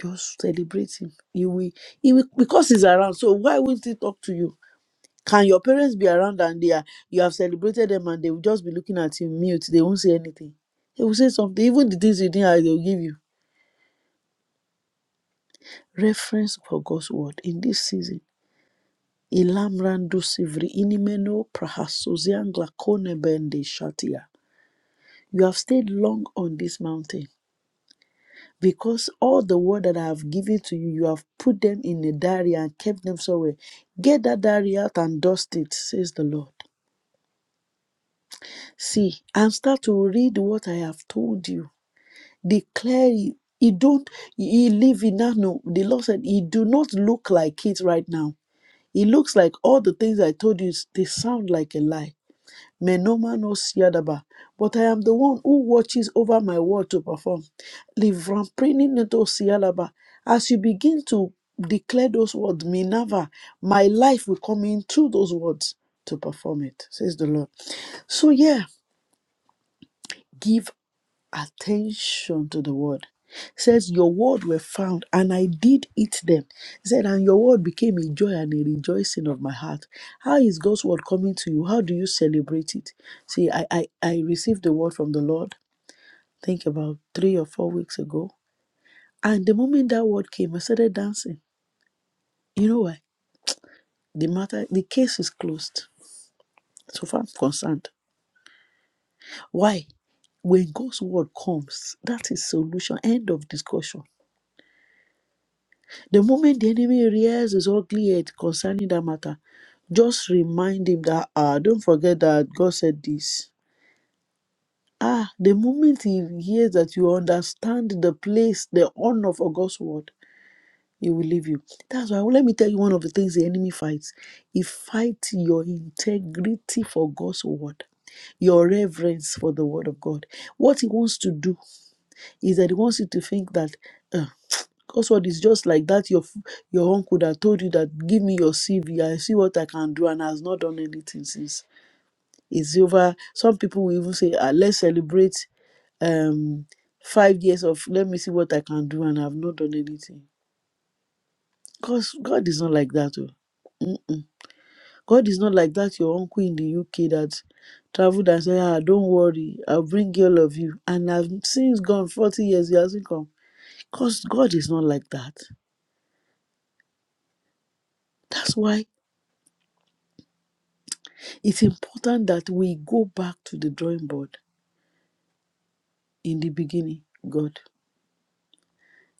C: Just celebrate him. He will, he will because he's around. So why won't he talk to you? Can your parents be around and they are you have celebrated them and they will just be looking at you mute? They won't say anything. They will say something. Even the things you didn't ask, they will give you reference for God's word in this season. Ilamrando sivri inimeno prahasoziangla konebende shatia. You have stayed long on this mountain because all the word that I have given to you, you have put them in a diary and kept them somewhere. Get that diary out and dust it, says the Lord. See, and start to read what I have told you. Declare it. He don't he live in that no. The Lord said he do not look like it right now. It looks like all the things I told you, they sound like a lie May no man know Siadaba, but I am the one who watches over my word to perform. Livramprininato Siadaba. As you begin to declare those words, Minerva, my life will come in through those words to perform it, says the Lord. So, yeah, give attention to the word. It says, Your word were found, and I did eat them. It said, And your word became a joy and a rejoicing of my heart. How is God's word coming to you? How do you celebrate it? See, I, I, I received the word from the Lord, I think about three or four weeks ago. And the moment that word came, I started dancing. You know why? The matter, the case is closed. So far I'm concerned. Why? When God's word comes, that is solution. End of discussion. The moment the enemy rears his ugly head concerning that matter, just remind him that, ah, don't forget that God said this. Ah, the moment he hears that you understand the place, the honor for God's word, he will leave you. That's why, let me tell you one of the things the enemy fights. He fights your integrity for God's word, your reverence for the word of God. What he wants to do is that he wants you to think that uh, God's is just like that. Your f- your uncle that told you that give me your CV, I see what I can do, and has not done anything since. It's over. Some people will even say, ah, let's celebrate um five years of let me see what I can do, and I've not done anything. Cause God is not like that. Oh. Mm-mm. God is not like that. Your uncle in the UK that traveled and said, ah, don't worry, I'll bring all of you, and I've since gone forty years. He hasn't come because God is not like that. That's why it's important that we go back to the drawing board. In the beginning, God.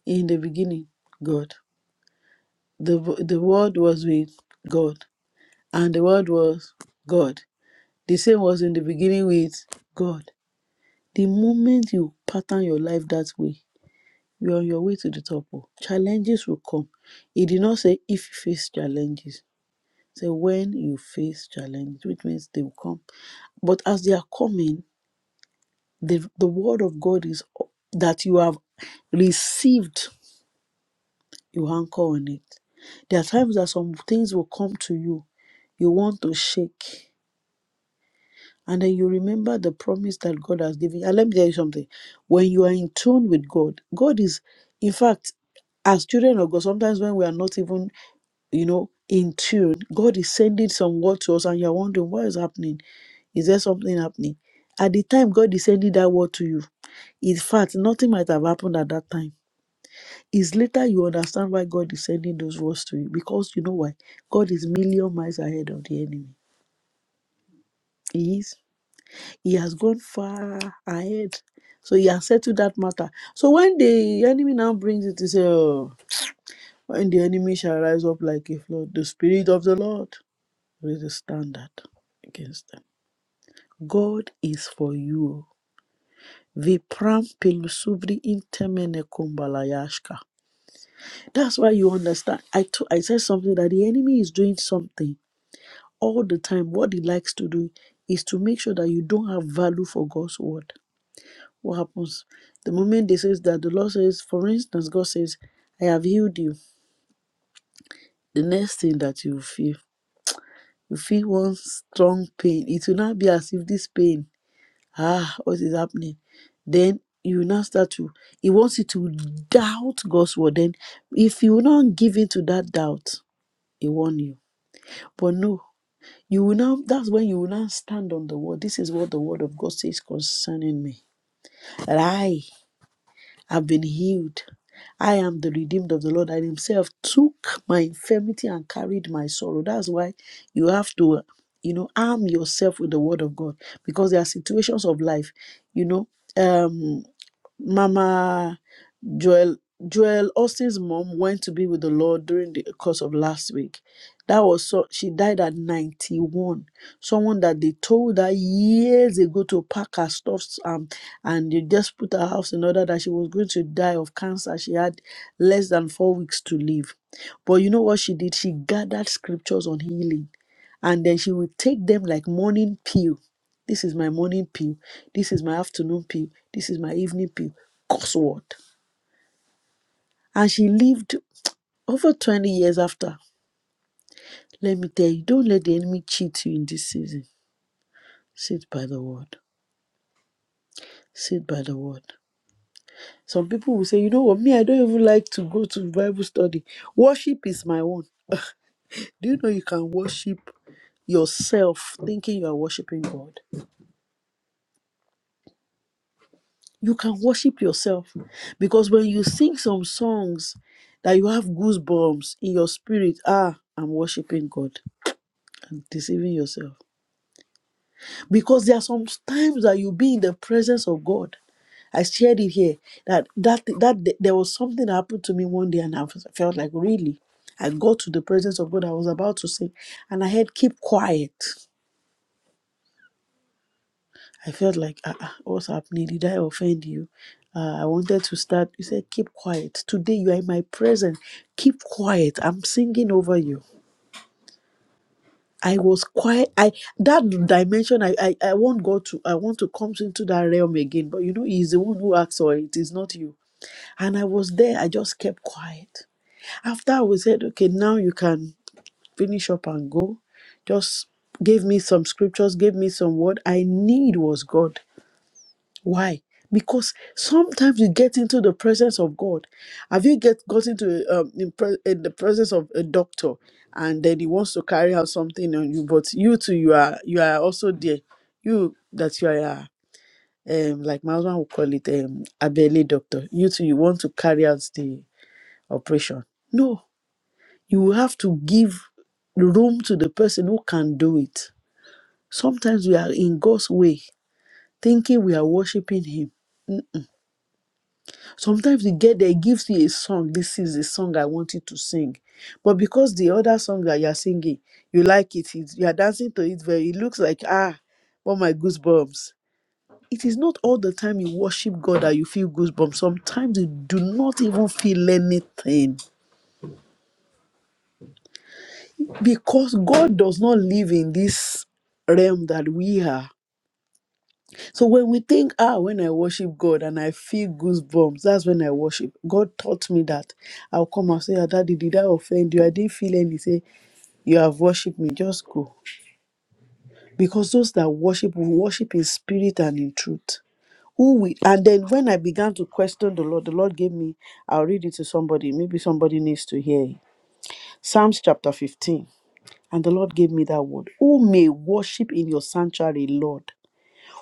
C: In the beginning, God. The, the word was with God, and the word was God. The same was in the beginning with God. The moment you pattern your life that way, you're on your way to the top. oh. Challenges will come. He did not say if you face challenges. Say when you face challenges, which means they will come. But as they are coming, The, the word of God is that you have received, you anchor on it. There are times that some things will come to you, you want to shake, and then you remember the promise that God has given. you. And let me tell you something when you are in tune with God, God is, in fact, as children of God, sometimes when we are not even you know, in tune. God is sending some word to us, and you're wondering what is happening. Is there something happening? At the time God is sending that word to you, in fact, nothing might have happened at that time. It's later you understand why God is sending those words to you because you know why? God is million miles ahead of the enemy. He is. He has gone far ahead. So he has settled that matter. So when the enemy now brings it to say, oh, when the enemy shall rise up like a flood, the spirit of the Lord. Raise the standard against them. God is for you. Vipram pilusubri intemene kumbalayashka. That's why you understand. I to- I said something that the enemy is doing something all the time. What he likes to do is to make sure that you don't have value for God's word. What happens? The moment they says that the Lord says, for instance, God says, I have healed you. The next thing that you feel, you feel one strong pain. It will not be as if this pain ah, what is happening? Then you now start to, he wants you to doubt God's word. Then if you will not give in to that doubt, he warn you. But no, you will now, that's when you will now stand on the word. This is what the word of God says concerning me. That I have been healed. I am the redeemed of the Lord, and Himself took my infirmity and carried my sorrow. That's why you have to, you know, arm yourself with the Word of God because there are situations of life, you know. Um, Mama Joel Joel Austin's mom went to be with the Lord during the course of last week. That was so she died at 91. Someone that they told her years ago to pack her stuffs um, and they just put her house in order that she was going to die of cancer. She had less than four weeks to live. But you know what she did? She gathered scriptures on healing and then she would take them like morning pills this is my morning pill. This is my afternoon pill. This is my evening pill. Curse word. And she lived over 20 years after. Let me tell you, don't let the enemy cheat you in this season. Sit by the word. Sit by the word. Some people will say, you know what, me, I don't even like to go to Bible study. Worship is my own. Do you know you can worship yourself thinking you are worshiping God? you can worship yourself because when you sing some songs that you have goosebumps in your spirit ah i'm worshiping god and deceiving yourself because there are some times that you be in the presence of god i shared it here that that that th- there was something that happened to me one day and i f- felt like really i got to the presence of god i was about to sing and i had keep quiet I felt like, ah, ah, what's happening? Did I offend you? Uh, I wanted to start. You said, keep quiet. Today you are in my presence. Keep quiet. I'm singing over you. I was quiet. I that dimension. I, I I want God to. I want to come into that realm again. But you know, He's the one who acts for it. It's not you. And I was there. I just kept quiet. After I was said, okay, now you can finish up and go. Just gave me some scriptures. Gave me some word. I need was God. Why? Because sometimes you get into the presence of God. Have you get got into um, in, pre- in the presence of a doctor, and then he wants to carry out something on you, but you too, you are you are also there. You that you are uh, um like my husband would call it um a belly doctor. You too, you want to carry out the operation. No, you will have to give room to the person who can do it. Sometimes we are in God's way, thinking we are worshiping Him Sometimes you get there, it gives you a song. This is the song I want you to sing. But because the other song that you're singing, you like it, it you're dancing to it very, it looks like, ah, all my goosebumps. It is not all the time you worship God that you feel goosebumps. Sometimes you do not even feel anything because God does not live in this realm that we are. So when we think, ah, when I worship God and I feel goosebumps, that's when I worship. God taught me that. I'll come and say, ah, Daddy, did I offend you? I didn't feel any. He Say, you have worshipped me. Just go. Because those that worship will worship in spirit and in truth. Who we and then when I began to question the Lord, the Lord gave me, I'll read it to somebody. Maybe somebody needs to hear it. Psalms chapter 15. And the Lord gave me that word. Who may worship in your sanctuary, Lord?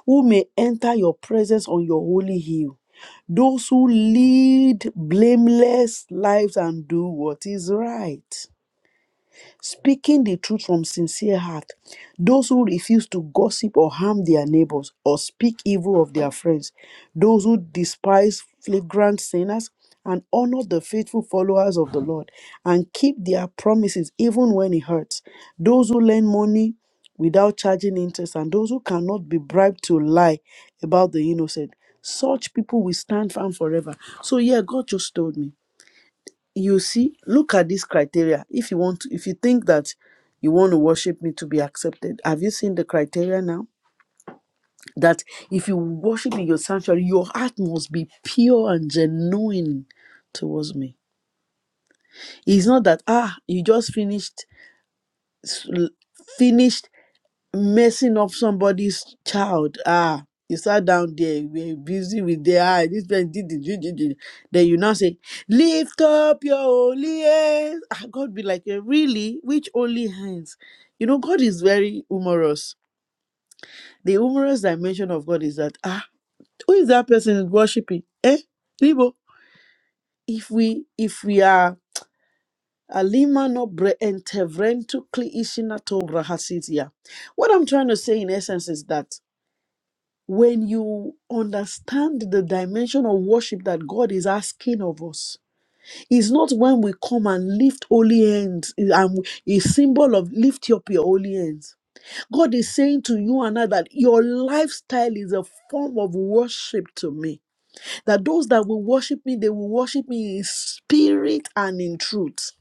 C: who may enter your presence on your holy hill. Those who lead blameless lives and do what is right speaking the truth from sincere heart. Those who refuse to gossip or harm their neighbors or speak evil of their friends. Those who despise flagrant sinners and honor the faithful followers of the Lord and keep their promises even when it hurts. Those who lend money without charging interest and those who cannot be bribed to lie about the innocent. Such people will stand firm forever. So, yeah, God just told me you see look at this criteria if you want to, if you think that you want to worship me to be accepted have you seen the criteria now that if you worship in your sanctuary your heart must be pure and genuine towards me it's not that ah you just finished s- l- finished messing up somebody's child. Ah, you sat down there, we're busy with their eye. This man did it, did it, did Then you now say, Lift up your holy hands. Ah, God be like, "Eh, Really? Which holy hands? You know, God is very humorous. The humorous dimension of God is that, ah, who is that person worshiping? Eh? Libo. If we if we are alimano bre entevrentu kli ishinato rahasitia. What I'm trying to say in essence is that when you understand the dimension of worship that God is asking of us, it's not when we come and lift holy hands, and a symbol of lift up your holy hands. God is saying to you and I that your lifestyle is a form of worship to me. That those that will worship me, they will worship me in spirit and in truth.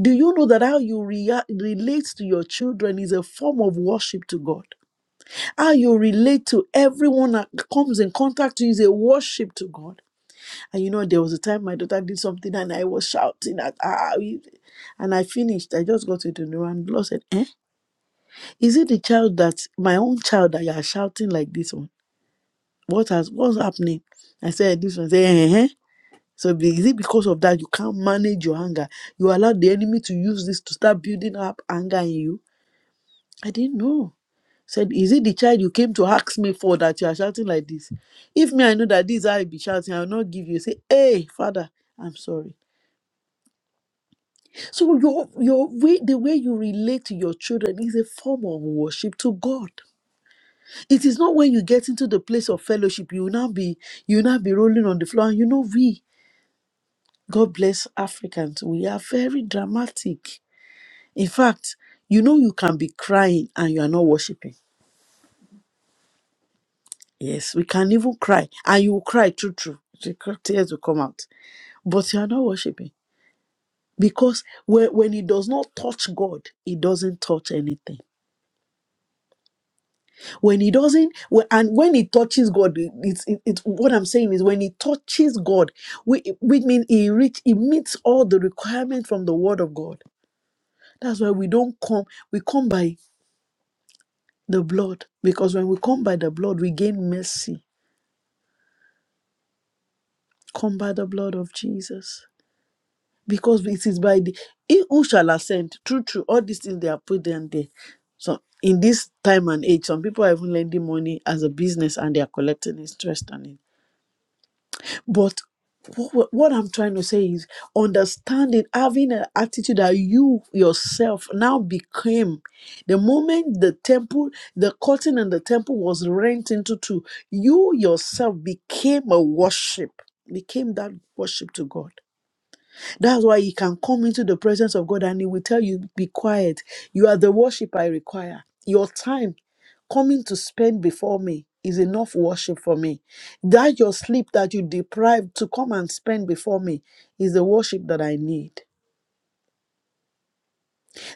C: Do you know that how you rea- relate to your children is a form of worship to God? How you relate to everyone that comes in contact with you is a worship to God. And you know, there was a time my daughter did something and I was shouting at her. And I finished. I just got into the room. The Lord said, Eh? Is it the child that my own child that you are shouting like this one? What has what's happening? I said, This one Say, eh? eh." eh." So be- is it because of that you can't manage your anger? You allow the enemy to use this to start building up anger in you? I didn't know. Said, Is it the child you came to ask me for that you are shouting like this? If me, I know that this is how I be shouting, I will not give you. Say, Hey, father, I'm sorry. So your your way, the way you relate to your children is a form of worship to God. It is not when you get into the place of fellowship, you will not be you will not be rolling on the floor. And you know, we, God bless Africans, we are very dramatic. In fact, you know you can be crying and you are not worshiping Yes, we can even cry, and you will cry true, true. The cr- Tears will come out, but you are not worshiping because when, when it does not touch God, it doesn't touch anything. When it doesn't, when, and when it touches God, it- it's it, it's what I'm saying is when it touches God, we we mean it reach it meets all the requirement from the Word of God. That's why we don't come. We come by the blood because when we come by the blood, we gain mercy. Come by the blood of Jesus. because it is by the he who shall ascend true true all these things they are put them there so in this time and age some people are even lending money as a business and they are collecting interest on it but what, what i'm trying to say is understanding having an attitude that you yourself now became the moment the temple the curtain and the temple was rent into two you yourself became a worship became that worship to god that's why you can come into the presence of God and He will tell you, Be quiet. You are the worship I require. Your time coming to spend before me is enough worship for me. That your sleep that you deprived to come and spend before me is the worship that I need.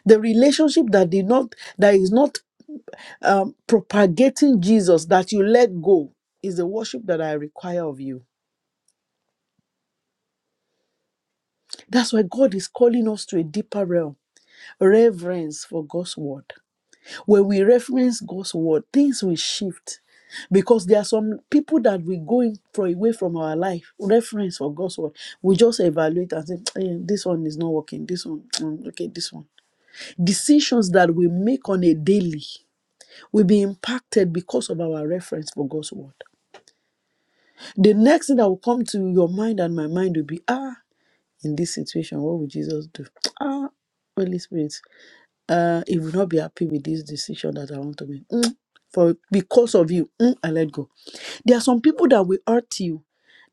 C: The relationship that did not that is not um, propagating Jesus that you let go is the worship that I require of you. That's why God is calling us to a deeper realm, reverence for God's word. When we reference God's word, things will shift because there are some people that we go in for away from our life reference for God's word. We just evaluate and say, "Eh, this one is not working. This one, mm, okay, this one. Decisions that we make on a daily will be impacted because of our reference for God's word. The next thing that will come to your mind and my mind will be, ah, in this situation, what would Jesus do? Ah, Holy Spirit. Uh, he will not be happy with this decision that I want to make. Mm, for because of you, mm, I let go. There are some people that will hurt you,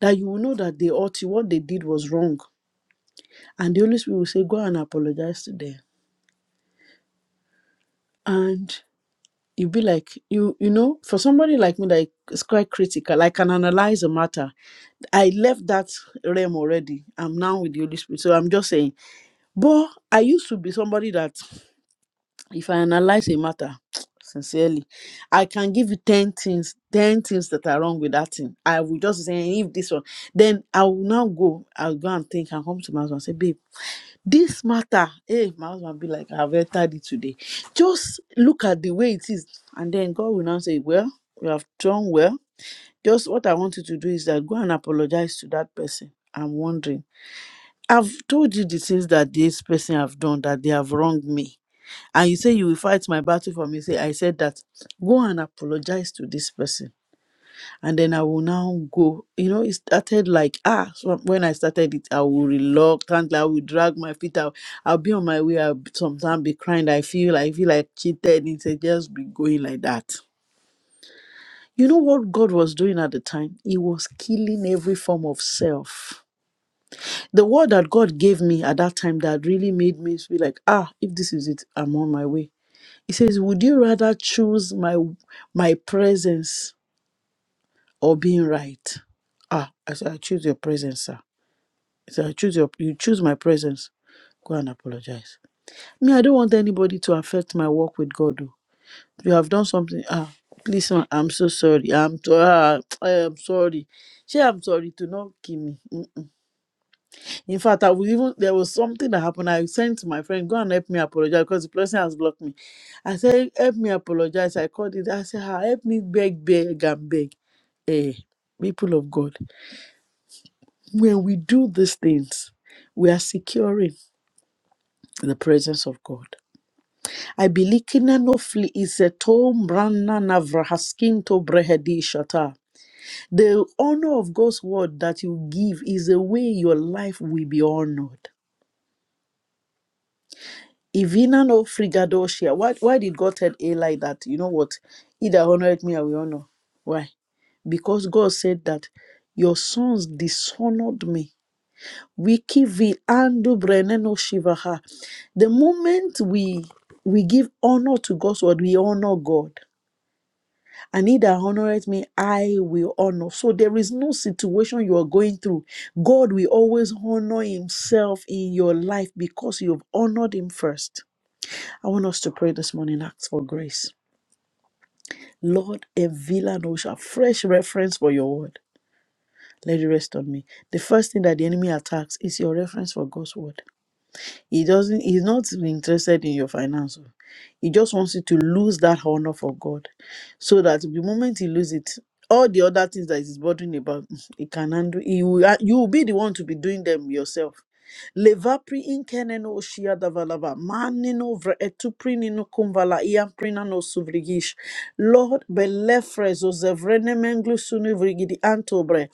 C: that you will know that they hurt you. What they did was wrong, and the Holy Spirit will say, "Go and apologize to them." And you be like, you you know, for somebody like me that is quite critical, I can analyze a matter. I left that realm already. I'm now with the Holy Spirit, so I'm just saying. But I used to be somebody that. if I analyze a matter sincerely, I can give you 10 things, 10 things that are wrong with that thing. I will just say, "Hey, if this one, then I will now go, I'll go and think and come to my husband and say, babe, this matter, hey, my husband will be like, I've entered it today. Just look at the way it is. And then God will now say, well, you have done well. Just what I want you to do is that go and apologize to that person. I'm wondering. I've told you the things that this person have done that they have wronged me and you say you will fight my battle for me say i said that go and apologize to this person and then i will now go you know it started like ah so when i started it i will reluctantly i will drag my feet out i'll be on my way i'll sometimes be crying i feel i feel like cheated it's just be going like that you know what god was doing at the time he was killing every form of self the word that god gave me at that time that really made me feel like ah if this is it i'm on my way He says, Would you rather choose my my presence or being right? Ah, I said, I choose your presence, sir. He said, I choose your you choose my presence. Go and apologize. Me, I don't want anybody to affect my work with God. oh. You have done something. Ah, please, ma, I'm so sorry. I'm to, ah, I am sorry. She, I'm sorry to not kill me. Hmm? In fact, I will even there was something that happened. I sent to my friend, go and help me apologize because the person has blocked me. I said, help me apologize. I called it. I said, "Ah, help me beg, beg, and beg. Hey, people of God, when we do these things, we are securing the presence of God. I believe Kinanofli is a tom brana navrahaskin to brehedi shata. The honor of God's word that you give is the way your life will be honored. Ivina no frigadoshia. Why why did God tell A like that? You know what? Either honoured me or will honor. Why? Because God said that your sons dishonored me. Wiki vi andu breneno shivaha. The moment we we give honor to God's word, we honor God. And he that honoreth me, I will honor. So there is no situation you are going through. God will always honor himself in your life because you've honored him first. I want us to pray this morning, ask for grace. Lord, a villa notion, fresh reference for your word. Let it rest on me. The first thing that the enemy attacks is your reference for God's word. He doesn't he's not interested in your finance. oh. He just wants you to lose that honor for God. So that the moment he loses it, all the other things that he's bothering about, mm, he can handle he will, uh, you will be the one to be doing them yourself. Levapri inkeneno oshia davalava, manino vre etuprinino kumvala iamprinano suvrigish. Lord, belefres ozevrenemenglu sunu vrigidi antobre.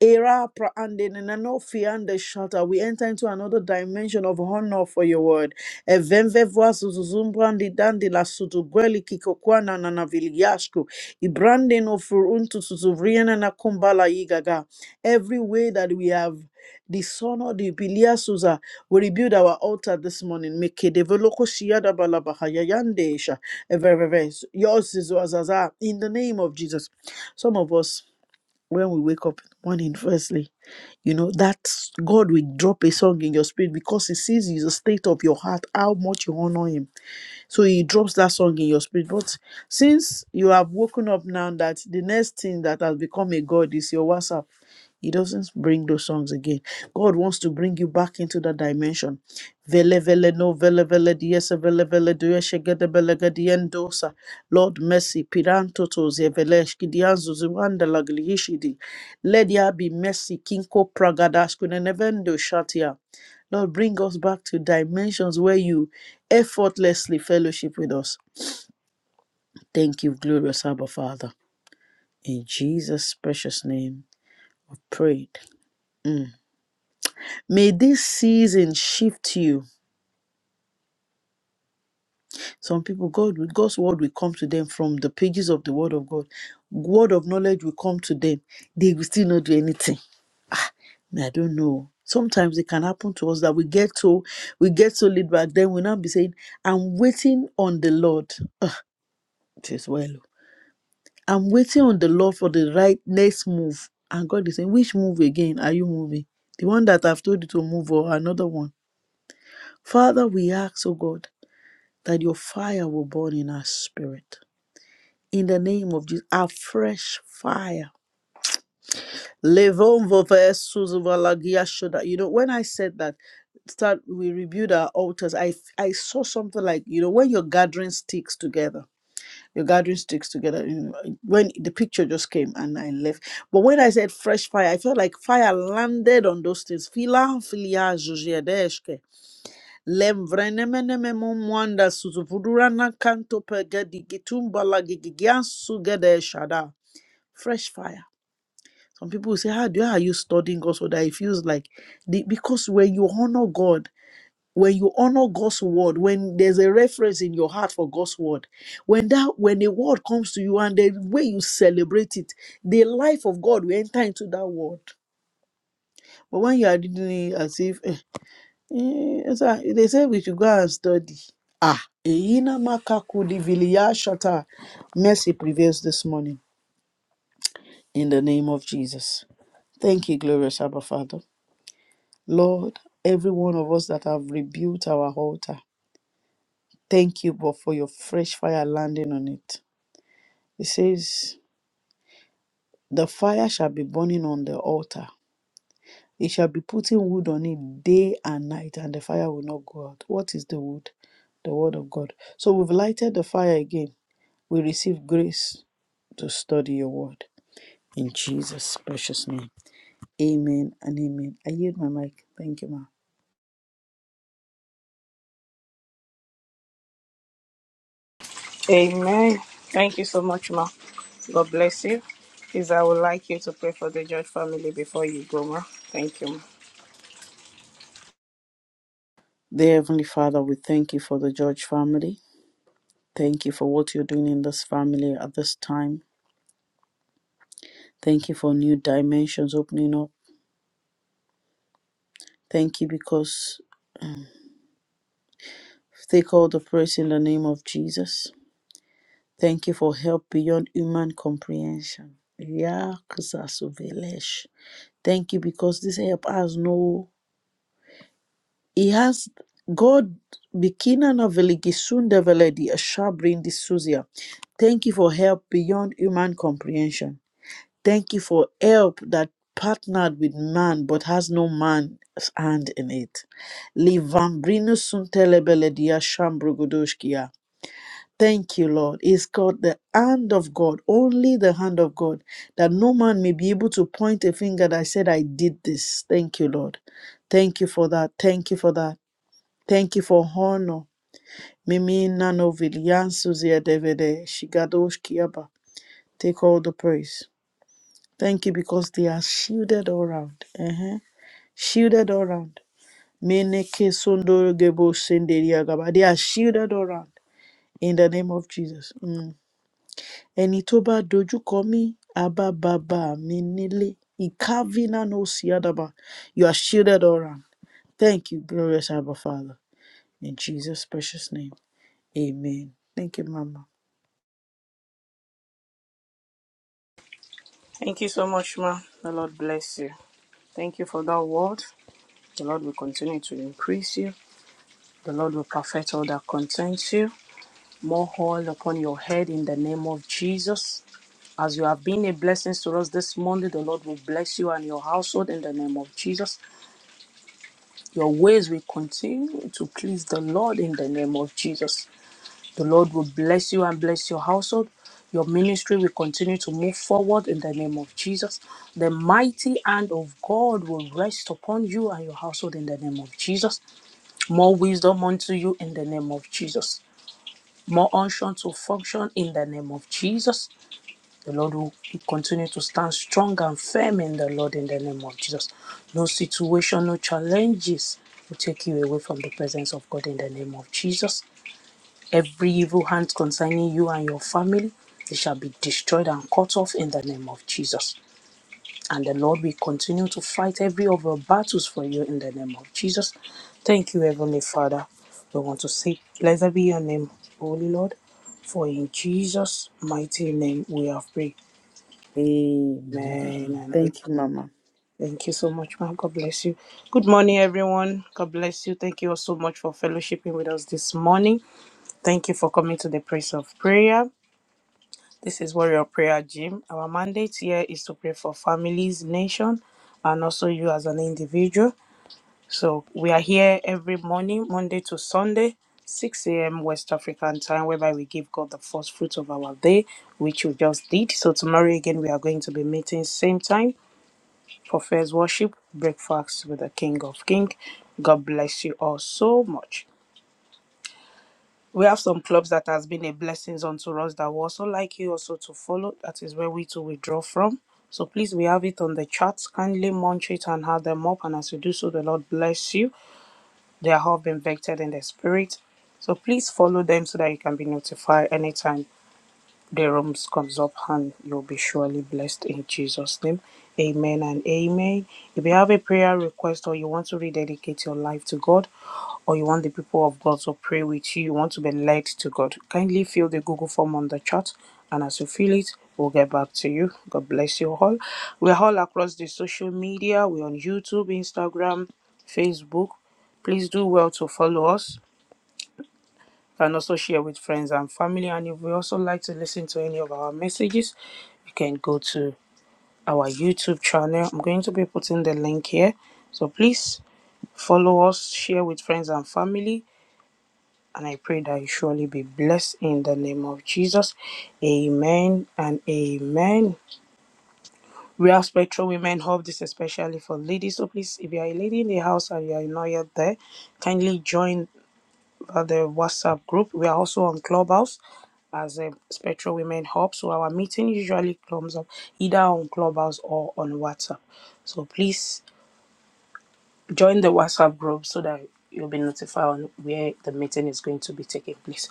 C: Era pra- and in Nanofia and the shutter, we enter into another dimension of honor for your word. Evemve voa zuzumbrandi dandi la sudugweli kikokwana na naviliashku. Ibrande no furuntu suzuvriena na kumbala igaga. Every way that we have dishonored the Bilia Suza, we rebuild our altar this morning. Make develoko shiada balabahayayandesha. Yours is Wazaza. In the name of Jesus. Some of us when we wake up in the morning, firstly, you know, that God will drop a song in your spirit because He sees the state of your heart, how much you honor Him. So he drops that song in your spirit. But since you have woken up now that the next thing that has become a God is your WhatsApp, he doesn't bring those songs again. God wants to bring you back into that dimension. Vele vele no vele vele diese vele vele dueshe gede bele gede Lord mercy, piranto toze vele shkidianzo ziwanda laglihishidi. Let there be mercy, kinko pragadash kunenevendo shatia. Lord, bring us back to dimensions where you effortlessly fellowship with us. Thank you, glorious Abba Father. In Jesus' precious name, prayed. Mm. May this season shift you. Some people, God, God's word will come to them from the pages of the Word of God. Word of knowledge will come to them. They will still not do anything. I don't know. Sometimes it can happen to us that we get so we get so laid back. Then we now be saying, "I'm waiting on the Lord." Ugh, it is well. I'm waiting on the Lord for the right next move. And God is saying, Which move again are you moving? The one that I've told you to move or another one? Father, we ask, oh God, that your fire will burn in our spirit. In the name of Jesus, a fresh fire. Levonvo versus Valagia Shoda. You know, when I said that, start we rebuild our altars. I I saw something like, you know, when you're gathering sticks together Your gathering sticks together. you know, When the picture just came and I left. But when I said fresh fire, I felt like fire landed on those things. Fila filia zhuzhedeshke. Lemvrenemenememo mwanda suzuvudurana kanto pegedi gitumbala gigigian sugede shada. Fresh fire. Some people will say, How do how are you studying God so that it feels like the, because when you honor God, when you honor God's word, when there's a reference in your heart for God's word, when that when a word comes to you and the way you celebrate it, the life of God will enter into that word. But when you are reading it as if eh, eh, it's a- they say we should go and study. Eyina makakudi viliya shata. Mercy prevails this morning in the name of Jesus. Thank you, glorious Abba Father. Lord, every one of us that have rebuilt our altar, thank you, but for your fresh fire landing on it. It says, The fire shall be burning on the altar. It shall be putting wood on it day and night, and the fire will not go out. What is the wood? The word of God. So we've lighted the fire again. We receive grace to study your word. In Jesus' precious name. Amen and amen. I yield my mic. Thank you, ma'am.
A: Amen. Thank you so much, Ma. God bless you. Please, I would like you to pray for the George family before you go, Ma. Thank you, Ma.
C: Dear Heavenly Father, we thank you for the George family. Thank you for what you're doing in this family at this time. Thank you for new dimensions opening up. Thank you because Take all the praise in the name of Jesus. Thank you for help beyond human comprehension. Yeah, Kasasovelesh. Thank you because this help has no. He has God Bikina bekinan aveligisunda veledi ashabrin disuzia. Thank you for help beyond human comprehension. Thank you for help that partnered with man but has no man's hand in it. Livambrinus suntelebeledia shambrugodoshkia. Thank you, Lord. It's called the hand of God, only the hand of God, that no man may be able to point a finger that said, I did this. Thank you, Lord. Thank you for that. Thank you for that. Thank you for honor. Mimi Nanovil, Yan Suzia Devede, Shigadosh Kiaba. Take all the praise. Thank you because they are shielded all round. Uh-huh. Shielded all round. Meneke Sondoro Gebo Senderia Gaba. They are shielded all round in the name of Jesus. Mm. ẹni tó bá dojúkọ mí á bá bàbá mi nílé Ikavina no Siadaba? you are shielded all around thank you glorious abba father in jesus precious name amen thank you mama
A: Thank you so much, Ma. The Lord bless you. Thank you for that word. The Lord will continue to increase you. The Lord will perfect all that concerns you. More oil upon your head in the name of Jesus. As you have been a blessing to us this morning, the Lord will bless you and your household in the name of Jesus. Your ways will continue to please the Lord in the name of Jesus. The Lord will bless you and bless your household. Your ministry will continue to move forward in the name of Jesus. The mighty hand of God will rest upon you and your household in the name of Jesus. More wisdom unto you in the name of Jesus. More unction to function in the name of Jesus. The Lord will continue to stand strong and firm in the Lord in the name of Jesus. No situation, no challenges will take you away from the presence of God in the name of Jesus. Every evil hand concerning you and your family, they shall be destroyed and cut off in the name of Jesus. And the Lord will continue to fight every of your battles for you in the name of Jesus. Thank you, Heavenly Father. We want to say, Blessed be your name, Holy Lord, for in Jesus' mighty name we have prayed.
C: amen
A: Amen and
C: thank you
A: amen.
C: mama.
A: Thank you so much, man. God bless you. Good morning, everyone. God bless you. Thank you all so much for fellowshipping with us this morning. Thank you for coming to the place of prayer. This is Warrior Prayer Gym. Our mandate here is to pray for families, nation, and also you as an individual. So we are here every morning, Monday to Sunday, 6 a.m. West African time, whereby we give God the first fruit of our day, which we just did. So tomorrow again, we are going to be meeting same time for first worship, breakfast with the King of King. God bless you all so much we have some clubs that has been a blessings unto us that we also like you also to follow. That is where we to withdraw from. So please, we have it on the chat. Kindly munch it and have them up. And as you do so, the Lord bless you. They have been vectored in the spirit. So please follow them so that you can be notified anytime the rooms comes up and you'll be surely blessed in Jesus' name. Amen and amen. If you have a prayer request or you want to rededicate your life to God, or you want the people of God to pray with you, you want to be led to God, kindly fill the Google form on the chat. And as you fill it, we'll get back to you. God bless you all. We're all across the social media. We're on YouTube, Instagram, Facebook. Please do well to follow us and also share with friends and family. And if we also like to listen to any of our messages, you can go to our YouTube channel. I'm going to be putting the link here. So please follow us, share with friends and family. And I pray that you surely be blessed in the name of Jesus. Amen and amen. We are Spectral Women Hub. This is especially for ladies. So please, if you are a lady in the house and you are not yet there, kindly join uh, the WhatsApp group. We are also on Clubhouse. as a Spectral Women Hub. So our meeting usually comes up either on Clubhouse or on WhatsApp. So please join the WhatsApp group so that you'll be notified on where the meeting is going to be taking place.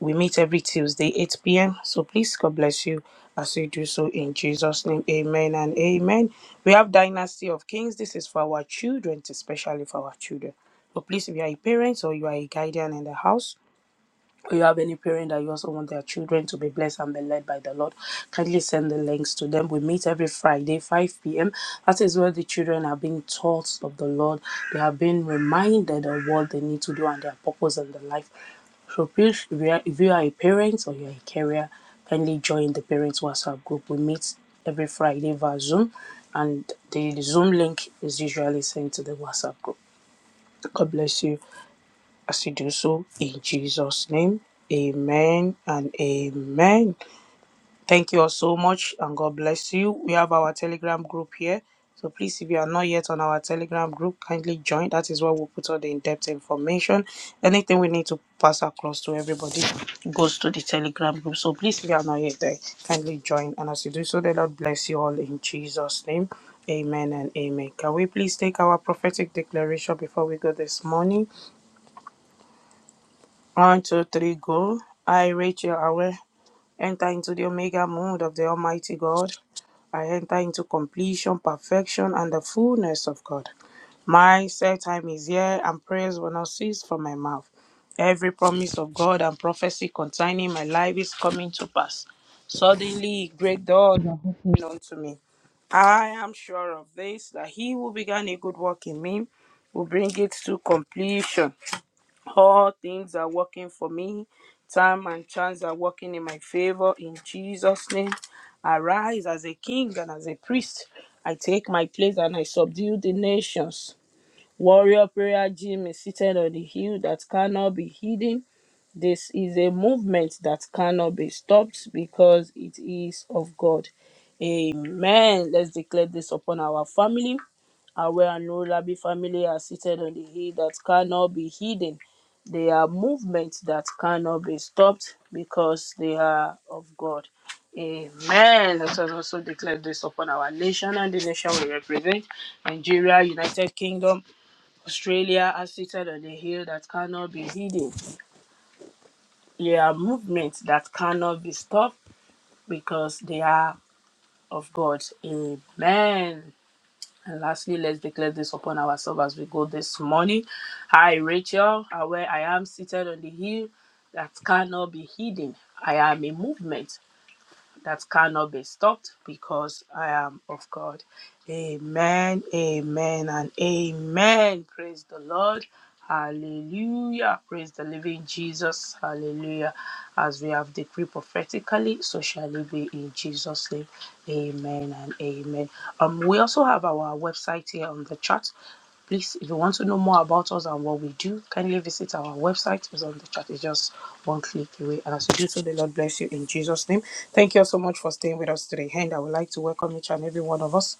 A: We meet every Tuesday, 8 p.m. So please, God bless you as you do so in Jesus' name. Amen and amen. We have Dynasty of Kings. This is for our children, especially for our children. So please, if you are a parent or you are a guardian in the house, or you have any parent that you also want their children to be blessed and be led by the Lord, kindly send the links to them. We meet every Friday, 5 p.m. That is where the children are being taught of the Lord. They are being reminded of what they need to do and their purpose in their life. So please, if you are, if you are a parent or you're a carrier, kindly join the parents WhatsApp group. We meet every Friday via Zoom, and the Zoom link is usually sent to the WhatsApp group. God bless you as you do so in Jesus' name. Amen and amen. Thank you all so much and God bless you. We have our Telegram group here. So please, if you are not yet on our Telegram group, kindly join. That is where we put all the in-depth information. Anything we need to pass across to everybody goes to the Telegram group. So please, if you are not yet there, kindly join. And as you do so, the Lord bless you all in Jesus' name. Amen and amen. Can we please take our prophetic declaration before we go this morning? One, two, three, go. I, Rachel Awe, enter into the Omega mode of the Almighty God. I enter into completion, perfection, and the fullness of God. My set time is here, and prayers will not cease from my mouth. Every promise of God and prophecy concerning my life is coming to pass. Suddenly, great doors are opening unto me. I am sure of this that he who began a good work in me will bring it to completion. All things are working for me. Time and chance are working in my favor. In Jesus' name, arise as a king and as a priest. I take my place and I subdue the nations. Warrior Prayer Gym is seated on the hill that cannot be hidden. This is a movement that cannot be stopped because it is of God. Amen. Let's declare this upon our family. And where an Olabi family are seated on the hill that cannot be hidden. They are movements that cannot be stopped because they are of God. Amen. Let us also declare this upon our nation and the nation we represent. Nigeria, United Kingdom, Australia are seated on the hill that cannot be hidden. They are movements that cannot be stopped because they are of God. Amen. And lastly, let's declare this upon ourselves as we go this morning. I, Rachel, are where I am seated on the hill that cannot be hidden. I am a movement that cannot be stopped because I am of God. Amen, amen, and amen. Praise the Lord. Hallelujah. Praise the living Jesus. Hallelujah. As we have decreed prophetically, so shall it be in Jesus' name. Amen and amen. Um, we also have our website here on the chat. Please, if you want to know more about us and what we do, kindly visit our website. It's on the chat. It's just one click away. And as you do so, the Lord bless you in Jesus' name. Thank you all so much for staying with us today. And I would like to welcome each and every one of us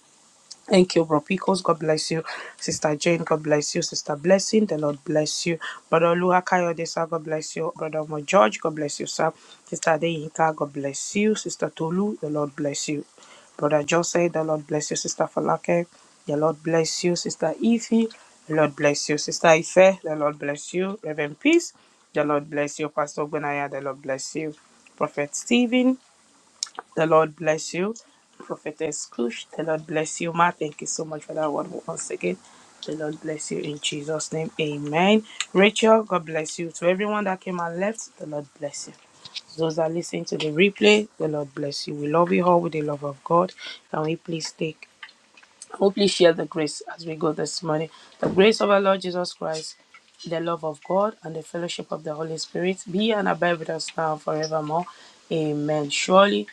A: Thank you, Bro Picos. God bless you. Sister Jane, God bless you. Sister Blessing, the Lord bless you. Brother Luha Kayode, sir, God bless you. Brother Mo George, God bless you, sir. Sister Adeyinka, God bless you. Sister Tolu, the Lord bless you. Brother Jose, the Lord bless you. Sister Falake, the Lord bless you. Sister Ify, the Lord bless you. Sister Ife, the Lord bless you. Reverend Peace, the Lord bless you. Pastor Gbenaya, the Lord bless you. Prophet Stephen, the Lord bless you. Prophetess Kush, the Lord bless you, Ma. Thank you so much for that word once again. The Lord bless you in Jesus' name. Amen. Rachel, God bless you. To everyone that came and left, the Lord bless you. Those that listen to the replay, the Lord bless you. We love you all with the love of God. Can we please take, oh, please share the grace as we go this morning? The grace of our Lord Jesus Christ, the love of God, and the fellowship of the Holy Spirit be and abide with us now and forevermore. Amen. Surely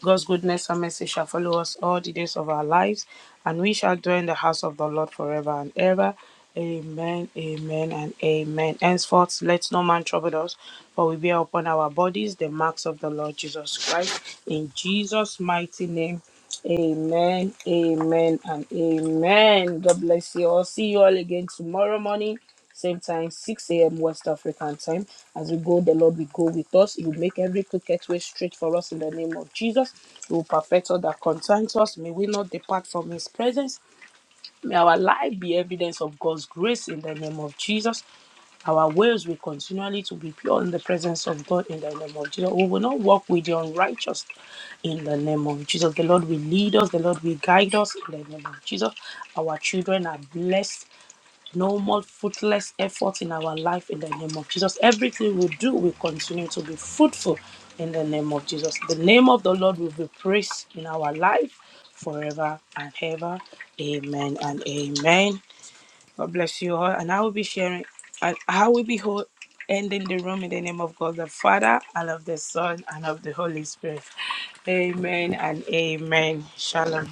A: God's goodness and mercy shall follow us all the days of our lives, and we shall dwell in the house of the Lord forever and ever. Amen, amen, and amen. Henceforth, let no man trouble us, for we bear upon our bodies the marks of the Lord Jesus Christ. In Jesus' mighty name, Amen, amen, and amen. God bless you all. See you all again tomorrow morning, same time, 6 a.m. West African time. As we go, the Lord will go with us. He will make every crooked way straight for us in the name of Jesus. He will perfect all that concerns us. May we not depart from His presence. May our life be evidence of God's grace in the name of Jesus. Our ways will continually to be pure in the presence of God in the name of Jesus. We will not walk with the unrighteous in the name of Jesus. The Lord will lead us. The Lord will guide us in the name of Jesus. Our children are blessed. No more fruitless effort in our life in the name of Jesus. Everything we do will continue to be fruitful in the name of Jesus. The name of the Lord will be praised in our life forever and ever. Amen and amen. God bless you all. And I will be sharing, I, I will be ho- ending the room in the name of God the Father, and of the Son, and of the Holy Spirit. Amen and amen. Shalom.